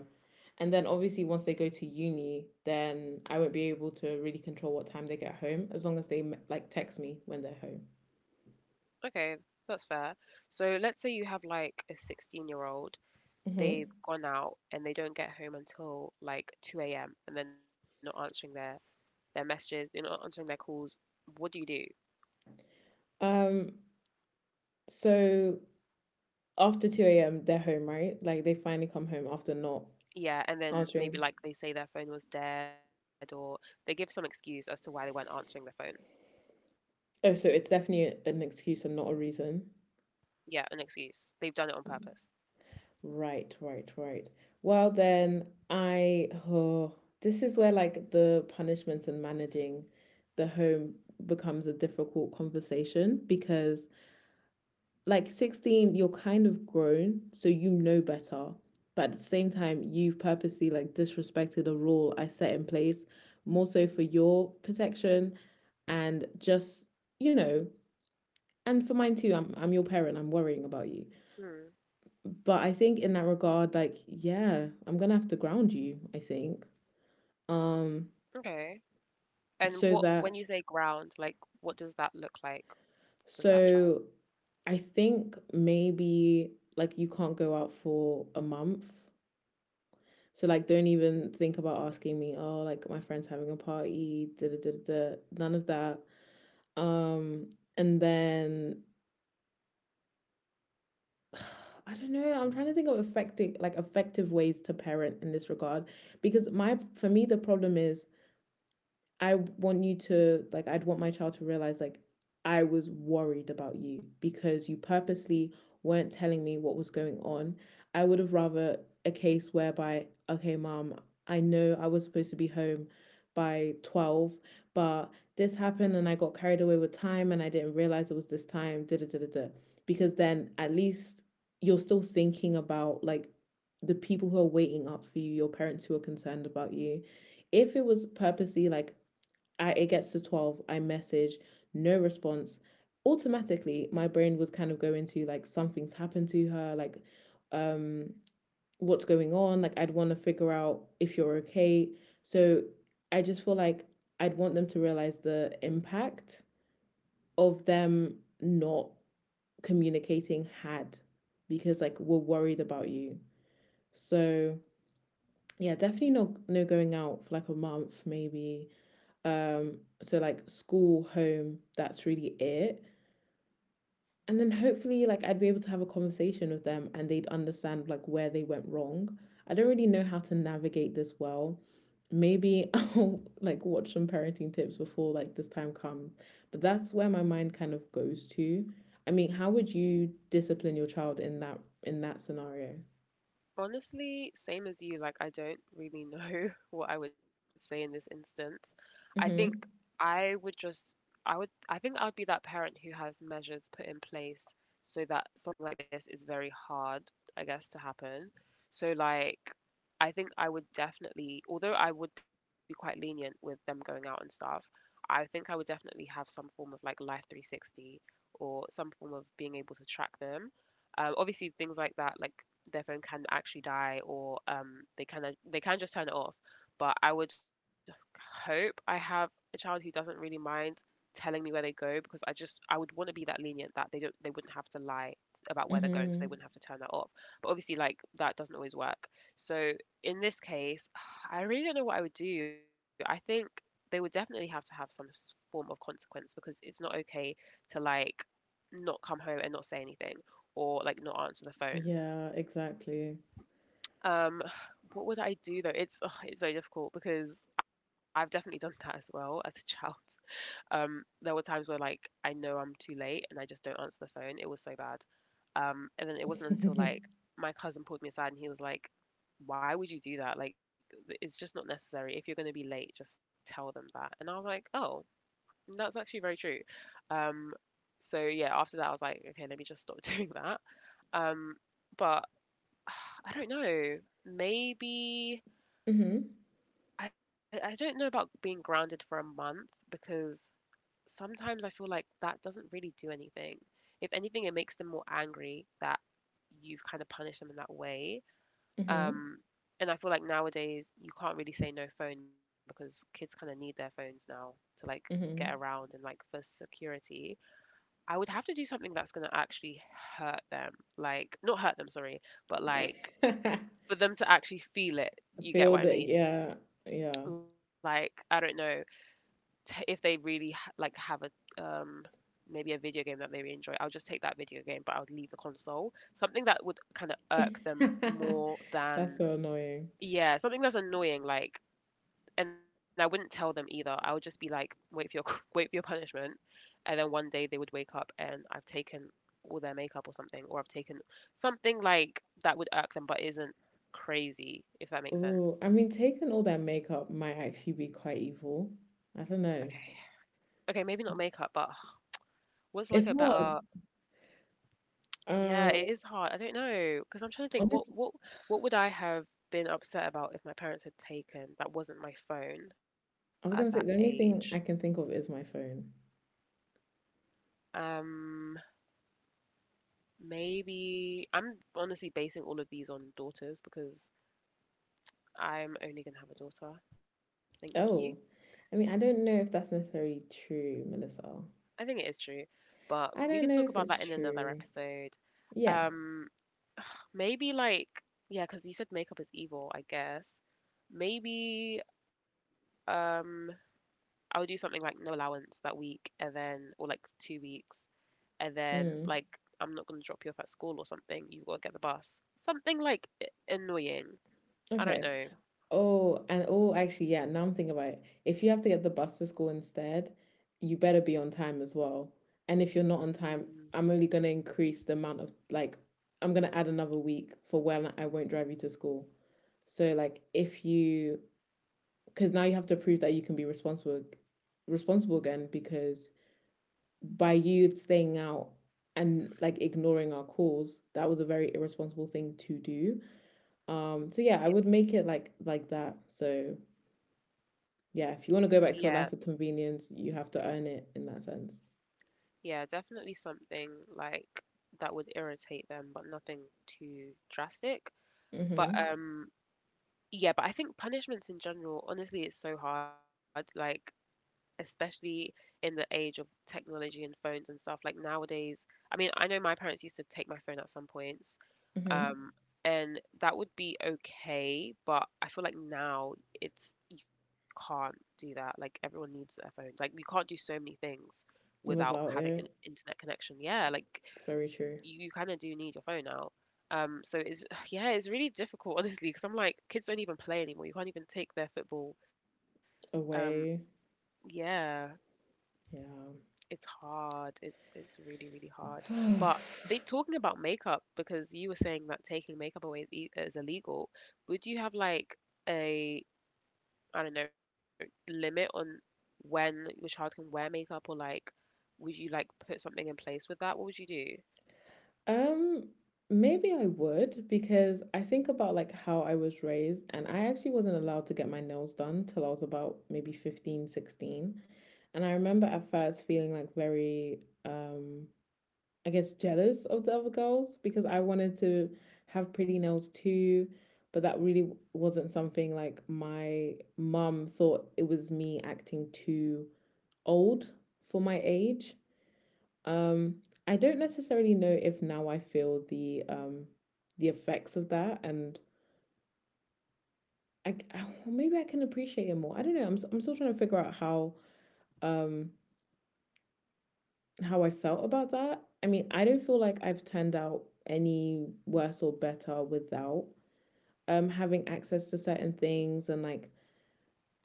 S1: And then obviously once they go to uni, then I won't be able to really control what time they get home as long as they like text me when they're home.
S2: Okay, that's fair. So let's say you have like a 16-year-old,
S1: Mhm.
S2: they've gone out and they don't get home until like 2 a.m. and they're not answering their messages, they're not answering their calls. What do you do?
S1: Um so after 2 a.m. they're home, right? Like they finally come home after not
S2: Yeah, and then maybe
S1: answering.
S2: like they say their phone was dead or they give some excuse as to why they weren't answering the phone.
S1: Oh, so it's definitely an excuse and not a reason.
S2: Yeah, an excuse. They've done it on purpose.
S1: Right, right, right. Well, then oh, this is where like the punishments and managing the home becomes a difficult conversation, because like 16, you're kind of grown, so you know better. But at the same time, you've purposely like disrespected a rule I set in place more so for your protection and just, you know, and for mine too. I'm your parent. I'm worrying about you.
S2: Hmm,
S1: But I think in that regard, like, yeah, I'm gonna have to ground you, I think. Um,
S2: okay. And what,
S1: so
S2: when you say
S1: that
S2: ground, like what does that look like for that child?
S1: so I think maybe like you can't go out for a month. So like don't even think about asking me, oh, like my friend's having a party, da da da da, da. None of that. Um, and then I don't know, I'm trying to think of effective ways to parent in this regard. Because my for me the problem is, I'd want my child to realize like I was worried about you because you purposely weren't telling me what was going on. I would have rather a case whereby, okay, mom, I know I was supposed to be home by 12, but this happened and I got carried away with time and I didn't realize it was this time, da da da da, da. Because then at least you're still thinking about like the people who are waiting up for you, your parents who are concerned about you. If it was purposely like, it gets to 12, I message, no response. Automatically, my brain would kind of go into like something's happened to her, like, um, what's going on. Like, I'd want to figure out if you're okay. So I just feel like I'd want them to realize the impact of them not communicating had, because like we're worried about you. So yeah, definitely no going out for like a month maybe. So like school, home, that's really it. And then hopefully like I'd be able to have a conversation with them and they'd understand like where they went wrong. I don't really know how to navigate this well. Maybe I'll like watch some parenting tips before like this time comes. But that's where my mind kind of goes to. I mean, how would you discipline your child in that scenario?
S2: Honestly, same as you, like I don't really know what I would say in this instance. I think
S1: Mhm.
S2: I would just I think I would be that parent who has measures put in place so that something like this is very hard, I guess, to happen. So like I think I would definitely, although I would be quite lenient with them going out and stuff, I think I would definitely have some form of like Life 360 or some form of being able to track them, obviously things like that, like their phone can actually die or they can just turn it off. But I would hope I have a child who doesn't really mind telling me where they go because I would want to be that lenient that they wouldn't have to lie about where they're going, so they
S1: Mhm.
S2: wouldn't have to turn that off. But obviously like that doesn't always work. So in this case, I really don't know what I would do. I think they would definitely have to have some form of consequence because it's not okay to like not come home and not say anything or like not answer the phone.
S1: Yeah, exactly.
S2: Um, what would I do though? It's oh, it's so difficult because I've definitely done that as well as a child. There were times where like I know I'm too late and I just don't answer the phone. It was so bad. And then it wasn't until
S1: Mhm.
S2: like my cousin pulled me aside and he was like, "Why would you do that? Like, it's just not necessary. If you're going to be late, just tell them that." And I was like, "Oh, that's actually very true." Um, so yeah, after that, I was like, "Okay, let me just stop doing that." Um, but I don't know. Maybe
S1: Mhm.
S2: I don't know about being grounded for a month because sometimes I feel like that doesn't really do anything. If anything, it makes them more angry that you've kind of punished them in that way.
S1: Mhm.
S2: Um, and I feel like nowadays you can't really say no phone because kids kind of need their phones now to like get around and like for security. I would have to do something that's going to actually hurt them. Like, not hurt them, sorry, but like
S1: Mhm.
S2: for them to actually feel it.
S1: I
S2: You get
S1: feel
S2: what I
S1: that,
S2: mean?
S1: yeah, yeah.
S2: Like, I don't know if they really like have a maybe a video game that they really enjoy, I would just take that video game, but I would leave the console. Something that would kind of irk them more
S1: That's
S2: than
S1: so annoying.
S2: yeah, something that's annoying. Like, and I wouldn't tell them either. I would just be like, wait for your wait for your punishment, and then one day they would wake up and I've taken all their makeup or something, or I've taken something like that would irk them, but isn't crazy. If that makes
S1: Oh,
S2: sense.
S1: I mean, taking all that makeup might actually be quite evil. I
S2: Okay.
S1: don't know.
S2: Okay, maybe not makeup, but what's like a
S1: It's
S2: better
S1: hard.
S2: Yeah, it
S1: Um,
S2: is hard. I don't know, because 'cause I'm trying to think what
S1: honest,
S2: what what would I have been upset about if my parents had taken that wasn't my phone at that
S1: I was gonna say the
S2: age?
S1: only thing I can think of is my phone.
S2: Um, Maybe I'm honestly basing all of these on daughters because I'm only gonna have a daughter. Thank you.
S1: Oh, I mean, I don't know if that's necessarily true, Melissa.
S2: I think it is true, but
S1: I
S2: we
S1: don't
S2: can
S1: know
S2: talk
S1: if
S2: about
S1: it's
S2: that in another
S1: true.
S2: episode.
S1: Yeah.
S2: Um, Maybe like yeah, cause you said makeup is evil, I guess. Maybe um I would do something like no allowance that week, and then or like 2 weeks, and then
S1: Mm.
S2: like I'm not gonna drop you off at school or something. You've got to get the bus. Something like annoying. I don't
S1: Okay.
S2: know.
S1: Oh, and oh, actually, yeah, now I'm thinking about it. If you have to get the bus to school instead, you better be on time as well. And if you're not on time,
S2: Mm,
S1: I'm only going to increase the amount of, like, I'm going to add another week for when I won't drive you to school. So, like, if you, because now you have to prove that you can be responsible, again, because by you staying out and like ignoring our calls, that was a very irresponsible thing to do. So yeah, I
S2: yeah,
S1: would make it like that. So yeah, if you want to
S2: yeah,
S1: go back to a life of convenience, you have to earn it in that sense.
S2: yeah. Definitely something like that would irritate them, but nothing too drastic. But
S1: Mm-hmm.
S2: yeah. But I think punishments in general, honestly, it's so hard. Like especially in the age of technology and phones and stuff. Like nowadays, I mean, I know my parents used to take my phone at some points,
S1: Mm-hmm.
S2: um, and that would be okay, but I feel like now it's you can't do that. Like everyone needs their phones. Like you can't do so many things without having
S1: Without
S2: an
S1: it,
S2: internet connection. Yeah, like
S1: very true.
S2: you kind of do need your phone now. So it's yeah, it's really difficult honestly because I'm like kids don't even play anymore. You can't even take their football. Um,
S1: Away,
S2: yeah.
S1: yeah.
S2: It's hard. It's really, really hard. But they, talking about makeup, because you were saying that taking makeup away is, is illegal, would you have like a, I don't know, limit on when your child can wear makeup or like would you like put something in place with that? What would you do?
S1: um, Maybe I would, because I think about like how I was raised and I actually wasn't allowed to get my nails done till I was about maybe 15, 16. And I remember at first feeling like very, um I guess, jealous of the other girls because I wanted to have pretty nails too, but that really wasn't something like my mum thought it was me acting too old for my age. Um, I don't necessarily know if now I feel the effects of that, and I, I maybe I can appreciate it more. I don't know. I'm still trying to figure out um how I felt about that. I mean, I don't feel like I've turned out any worse or better without having access to certain things and like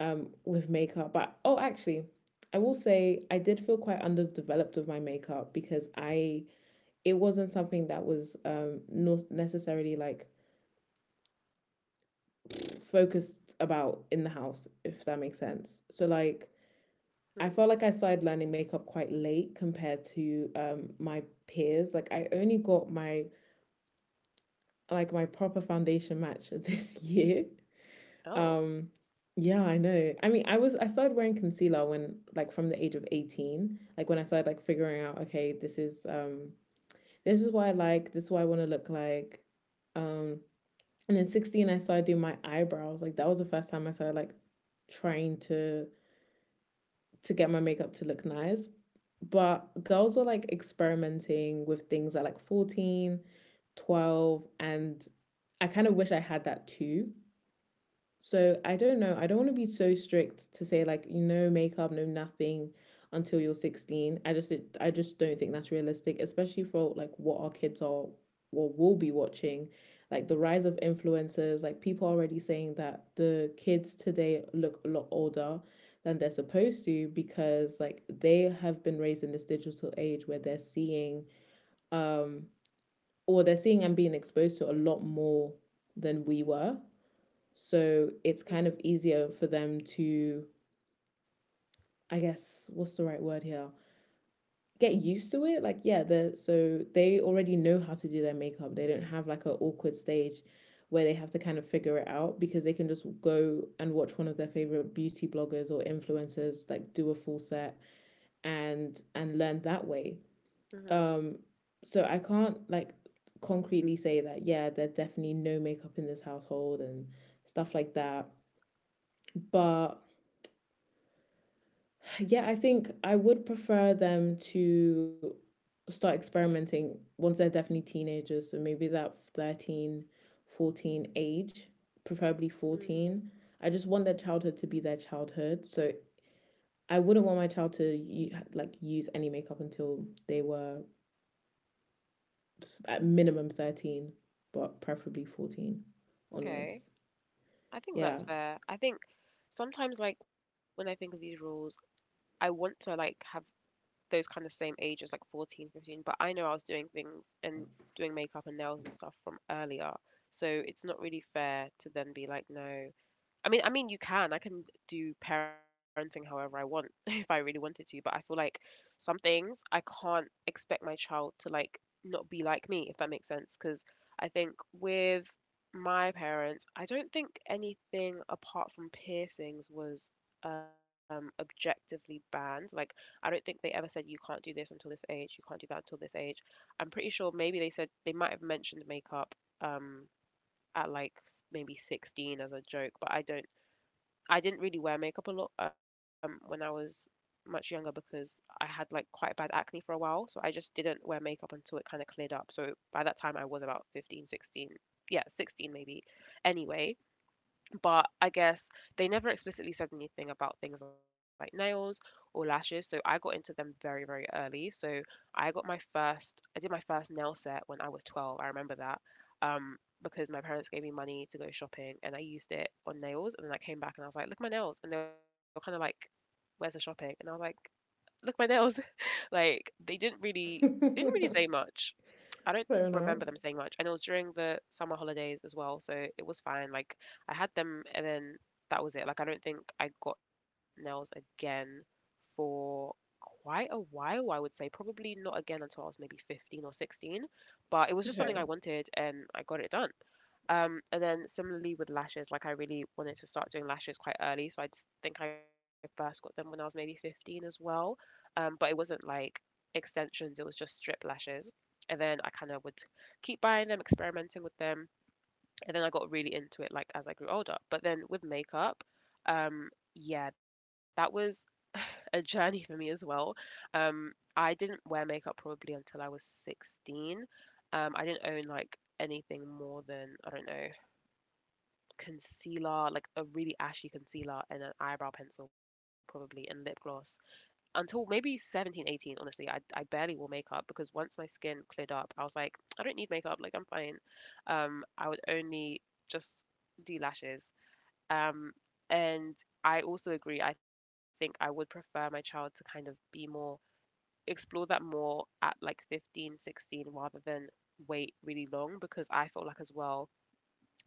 S1: with makeup. But, oh, actually, I will say I did feel quite underdeveloped with my makeup, because I it wasn't something that was not necessarily like focused about in the house, if that makes sense. So like
S2: Hmm.
S1: I felt like I started learning makeup quite late compared to my peers. Like I only got my proper foundation match this year. Um,
S2: Oh.
S1: yeah, I know. I mean, I started wearing concealer when like from the age of 18, like when I started like figuring out, okay, this is what I like, this is what I want to look like. Um, and then 16 I started doing my eyebrows. Like that was the first time I started like trying to get my makeup to look nice. But girls were like experimenting with things at like 14, 12, and I kind of wish I had that too, so I don't know. I don't want to be so strict to say like no makeup, no nothing until you're 16. I just it. I just don't think that's realistic, especially for like what our kids are or will be watching. Like the rise of influencers, like people are already saying that the kids today look a lot older than they're supposed to, because like they have been raised in this digital age where they're seeing, um or they're seeing and being exposed to a lot more than we were, so it's kind of
S2: Mm-hmm.
S1: easier for them to, I guess, what's the right word here? Get used to it. Like, yeah, so they already know how to do their makeup. They don't have like an awkward stage where they have to kind of figure it out because they can just go and watch one of their favorite beauty bloggers or influencers like do a full set and learn that way.
S2: Mm-hmm.
S1: Um, so I can't like concretely say that, yeah, there's definitely no makeup in this household and stuff like that. But yeah, I think I would prefer them to start experimenting once they're definitely teenagers. So maybe that 13, 14 age, preferably
S2: Mm.
S1: 14. I just want their childhood to be their childhood. So I wouldn't want my child to like use any makeup until they were at minimum 13, but preferably 14
S2: Okay.
S1: onwards.
S2: I think
S1: Yeah.
S2: that's fair. I think sometimes like when I think of these rules, I want to like have those kind of same ages, like 14, 15, but I know I was doing things and doing makeup and nails and stuff from earlier. So it's not really fair to then be like, no, I mean, you can. I can do parenting however I want if I really wanted to, but I feel like some things I can't expect my child to like not be like me, if that makes sense. Because I think with my parents, I don't think anything apart from piercings was objectively banned. Like, I don't think they ever said you can't do this until this age, you can't do that until this age. I'm pretty sure maybe they said they might have mentioned makeup. Um, at like maybe 16 as a joke but I didn't really wear makeup a lot when I was much younger because I had like quite bad acne for a while, so I just didn't wear makeup until it kind of cleared up. So by that time I was about 15, 16, yeah, 16 maybe. Anyway, but I guess they never explicitly said anything about things like nails or lashes. So I got into them very, very early. So I did my first nail set when I was 12. I remember that um, because my parents gave me money to go shopping and I used it on nails. And then I came back and I was like, look, at my nails. And they were kind of like, where's the shopping? And I was like, look, at my nails. like they didn't really say
S1: Fair
S2: much. I don't remember
S1: enough.
S2: them saying much, and it was during the summer holidays as well, so it was fine. Like I had them, and then that was it. Like I don't think I got nails again for quite a while. I would say probably not again until I was maybe 15 or 16, but it was just something I
S1: Okay.
S2: wanted, and I got it done. And then similarly with lashes, like I really wanted to start doing lashes quite early. So I just think I first got them when I was maybe 15 as well. But it wasn't like extensions, it was just strip lashes. And then I kind of would keep buying them, experimenting with them. And then I got really into it like as I grew older. But then with makeup, yeah, that was a journey for me as well. I didn't wear makeup probably until I was 16. I didn't own like anything more than, I don't know, concealer, like a really ashy concealer and an eyebrow pencil probably and lip gloss until maybe 17, 18. Honestly. I barely wore makeup because once my skin cleared up, I was like, I don't need makeup, like I'm fine. I would only just do lashes. Um, and I also agree, I think I would prefer my child to kind of be more explore that more at like 15, 16, rather than wait really long because I felt like as well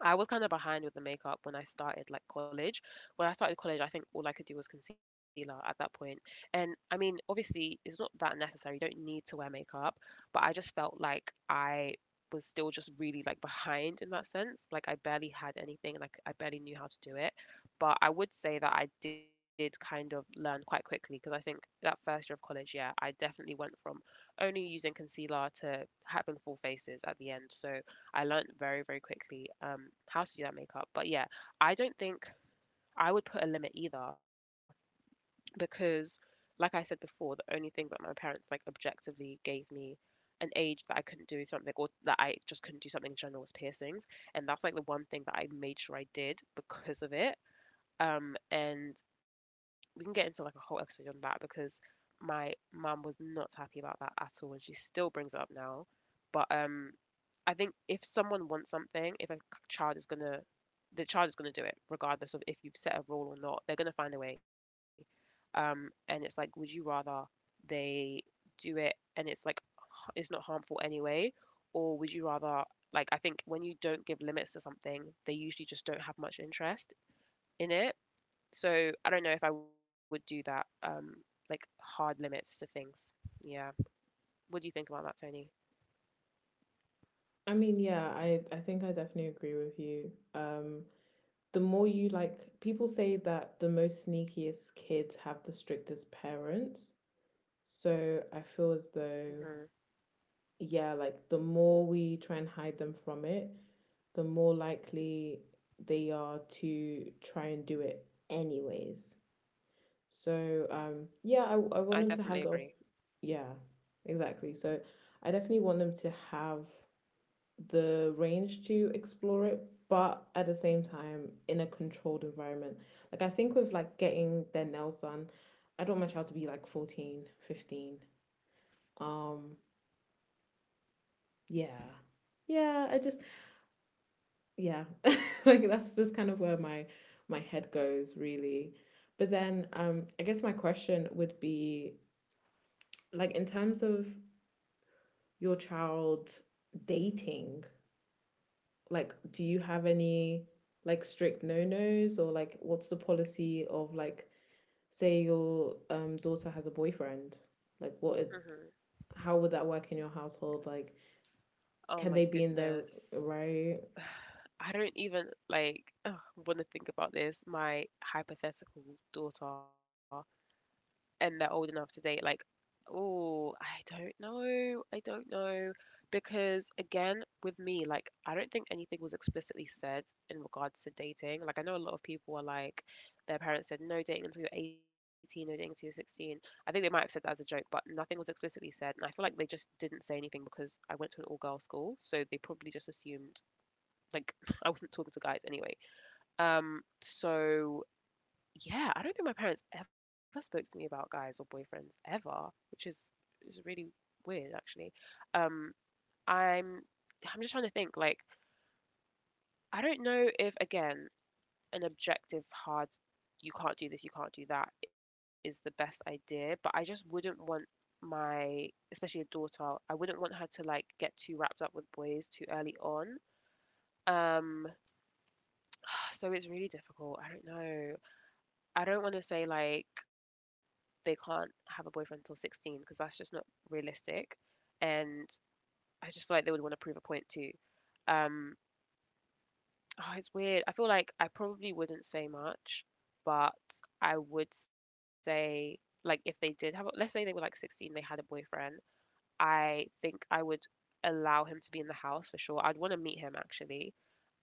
S2: I was kind of behind with the makeup when I started like college. When I started college, I think all I could do was concealer at that point. And I mean, obviously, it's not that necessary. You don't need to wear makeup, but I just felt like I was still just really like behind in that sense. Like I barely had anything, like I barely knew how to do it. But I would say that I did kind of learn quite quickly because I think that first year of college, yeah, I definitely went from only using concealer to having full faces at the end. So I learned very, very quickly how to do that makeup. But yeah, I don't think I would put a limit either because, like I said before, the only thing that my parents like objectively gave me an age that I couldn't do something or that I just couldn't do something in general was piercings. And that's like the one thing that I made sure I did because of it. And we can get into like a whole episode on that because my mum was not happy about that at all and she still brings it up now. But I think if someone wants something, if a child is gonna, the child is gonna do it, regardless of if you've set a rule or not. They're gonna find a way. And it's like, would you rather they do it and it's like it's not harmful anyway, or would you rather like I think when you don't give limits to something, they usually just don't have much interest in it. So I don't know if I would do that. Like hard limits to things. Yeah. What do you think about that, Tony?
S1: I mean, yeah, I think I definitely agree with you. Um the more you like People say that the most sneakiest kids have the strictest parents. So I feel as
S2: Hmm.
S1: though, yeah, like the more we try and hide them from it, the more likely they are to try and do it anyways. So yeah,
S2: I
S1: I
S2: definitely
S1: want them to
S2: agree.
S1: have. Yeah, exactly. So I definitely want them to have the range to explore it, but at the same time in a controlled environment. Like I think with like getting their nails done, I don't my child to be like 14, 15. Um yeah. Yeah, I just, yeah. Like, that's just kind of where my head goes really. But then I guess my question would be, like, in terms of your child dating, like, do you have any, like, strict no-nos? Or like, what's the policy of, like, say your daughter has a boyfriend, like,
S2: Hmm.
S1: how would that work in your household? Like,
S2: Oh
S1: can
S2: my
S1: they be in there,
S2: goodness.
S1: right?
S2: I don't even like want to think about this. My hypothetical daughter and they're old enough to date. Like, oh, I don't know. I don't know. Because again, with me, like, I don't think anything was explicitly said in regards to dating. Like, I know a lot of people are like, their parents said, no dating until you're 18, no dating until you're 16. I think they might have said that as a joke, but nothing was explicitly said. And I feel like they just didn't say anything because I went to an all girl school. So they probably just assumed like I wasn't talking to guys anyway. So yeah, I don't think my parents ever spoke to me about guys or boyfriends ever, which is really weird actually. Um, I'm I'm just trying to think like I don't know if again an objective hard you can't do this, you can't do that is the best idea, but I just wouldn't want my especially a daughter, I wouldn't want her to like get too wrapped up with boys too early on. Um so it's really difficult. I don't know. I don't want to say like they can't have a boyfriend until 16 because that's just not realistic. And I just feel like they would want to prove a point too. Um, oh, it's weird. I feel like I probably wouldn't say much, but I would say like if they did have, a, let's say they were like 16, they had a boyfriend. I think I would allow him to be in the house for sure. I'd want to meet him actually,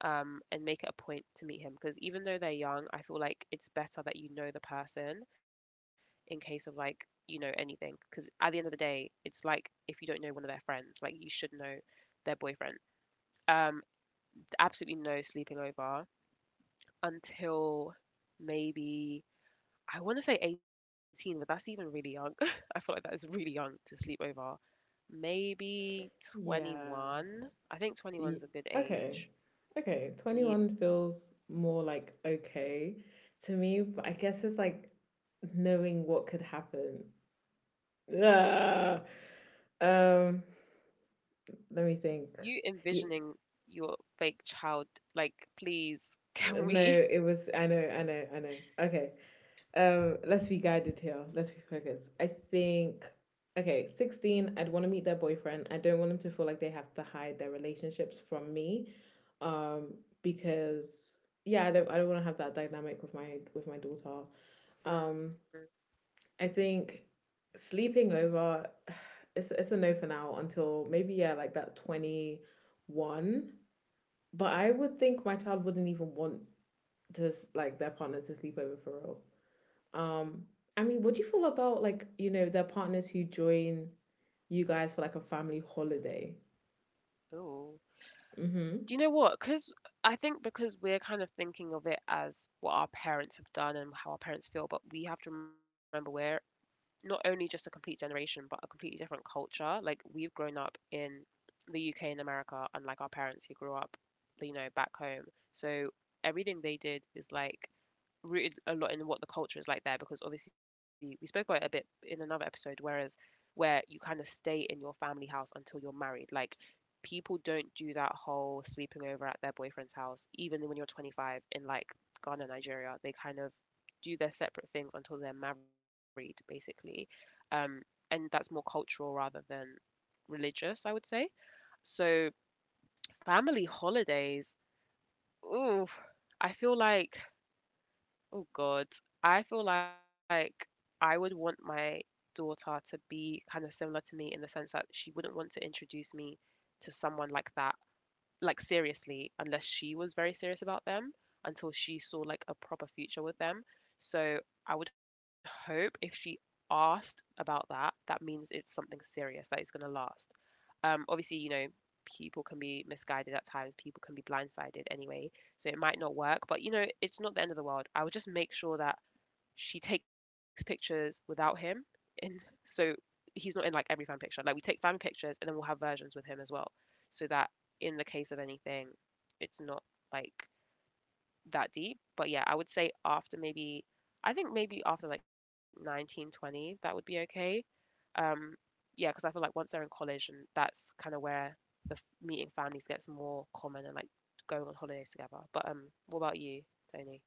S2: and make it a point to meet him because even though they're young, I feel like it's better that you know the person in case of like, you know, anything. Because at the end of the day, it's like if you don't know one of their friends, like you should know their boyfriend. Um, Absolutely no sleeping over until maybe I want to say 18, but that's even really young. I feel like that is really young to sleep over. Maybe
S1: Yeah.
S2: 21. I think 21's
S1: Ye-
S2: a good
S1: okay,
S2: age.
S1: okay,
S2: Yeah.
S1: 21 feels more like okay to me, but I guess it's like knowing what could happen. Ah. um let me
S2: You
S1: think.
S2: envisioning your fake child, like, please, can
S1: No,
S2: we?
S1: it was. I know, I know, I know. Okay. Let's be guided here. Let's be focused, I think. Okay, 16. I'd want to meet their boyfriend. I don't want them to feel like they have to hide their relationships from me, um, because yeah, I don't want to have that dynamic with my daughter.
S2: Mm.
S1: Um, I think sleeping over. It's a no for now until maybe, yeah, like, that 21. But I would think my child wouldn't even want to like their partners to sleep over for real. Um, I mean, what do you feel about like you know their partners who join you guys for like a family holiday?
S2: Ooh.
S1: Mm-hmm.
S2: Do you know what? Because I think because we're kind of thinking of it as what our parents have done and how our parents feel, but we have to remember we're not only just a complete generation, but a completely different culture. Like we've grown up in the UK and America, unlike our parents who grew up, you know, back home. So everything they did is like rooted a lot in what the culture is like there because obviously we spoke about it a bit in another episode whereas where you kind of stay in your family house until you're married like people don't do that whole sleeping over at their boyfriend's house even when you're 25 in like Ghana, Nigeria. They kind of do their separate things until they're married basically, um and that's more cultural rather than religious I would say. So family holidays, ooh, I feel like, oh God, I feel like I would want my daughter to be kind of similar to me in the sense that she wouldn't want to introduce me to someone like that, like seriously, unless she was very serious about them, until she saw like a proper future with them. So I would hope if she asked about that, that means it's something serious that is going to last. Obviously, you know, people can be misguided at times, people can be blindsided anyway, so it might not work. But you know, it's not the end of the world. I would just make sure that she takes pictures without him, and so he's not in like every fan picture. Like we take fan pictures, and then we'll have versions with him as well, so that in the case of anything, it's not like that deep. But yeah, I would say after maybe, I think maybe after like 1920, that would be okay. um yeah, because I feel like once they're in college and that's kind of where the meeting families gets more common and like going on holidays together. But what about you, Tony?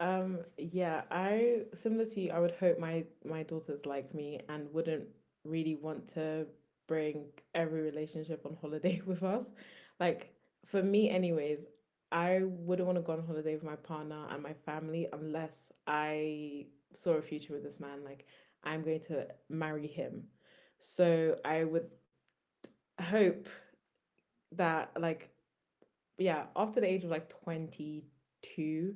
S1: Yeah, I similar to you, I would hope my daughter's like me and wouldn't really want to bring every relationship on holiday with us. Like for me anyways, I wouldn't want to go on holiday with my partner and my family unless I saw a future with this man. Like I'm going to marry him. So I would hope that like, yeah, after the age of like 22,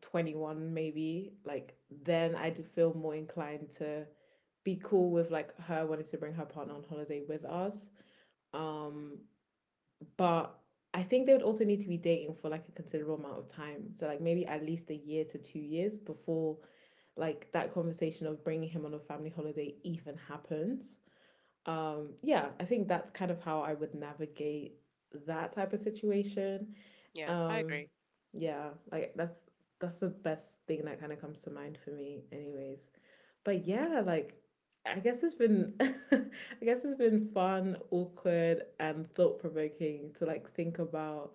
S1: 21 maybe, like then I'd feel more inclined to be cool with like her wanting to bring her partner on holiday with us. um but I think they would also need to be dating for like a considerable amount of time, so like maybe at least a year to 2 years, before like that conversation of bringing him on a family holiday even happens. Yeah, I think that's kind of how I would navigate that type of situation.
S2: Yeah, I
S1: um
S2: agree.
S1: yeah, like, that's the best thing that kind of comes to mind for me anyways. But yeah, like, I guess it's been I guess it's been fun, awkward, and thought provoking to like think about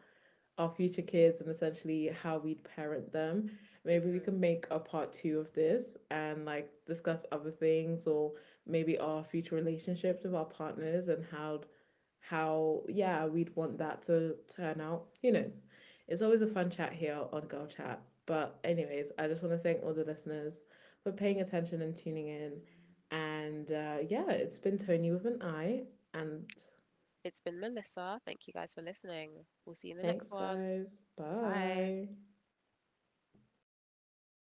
S1: our future kids and essentially how we'd parent them. Maybe we
S2: Hmm.
S1: can make a part two of this and like discuss other things, or maybe our future relationships with our partners and how, yeah, we'd want that to turn out. Who knows? It's always a fun chat here on Girl Chat. But anyways, I just want to thank all the listeners for paying attention and tuning in. And yeah, it's been Tony with an I. And
S2: It's been Melissa. Thank you guys for listening. We'll see you in the next
S1: thanks,
S2: one.
S1: guys.
S2: Bye.
S1: Bye.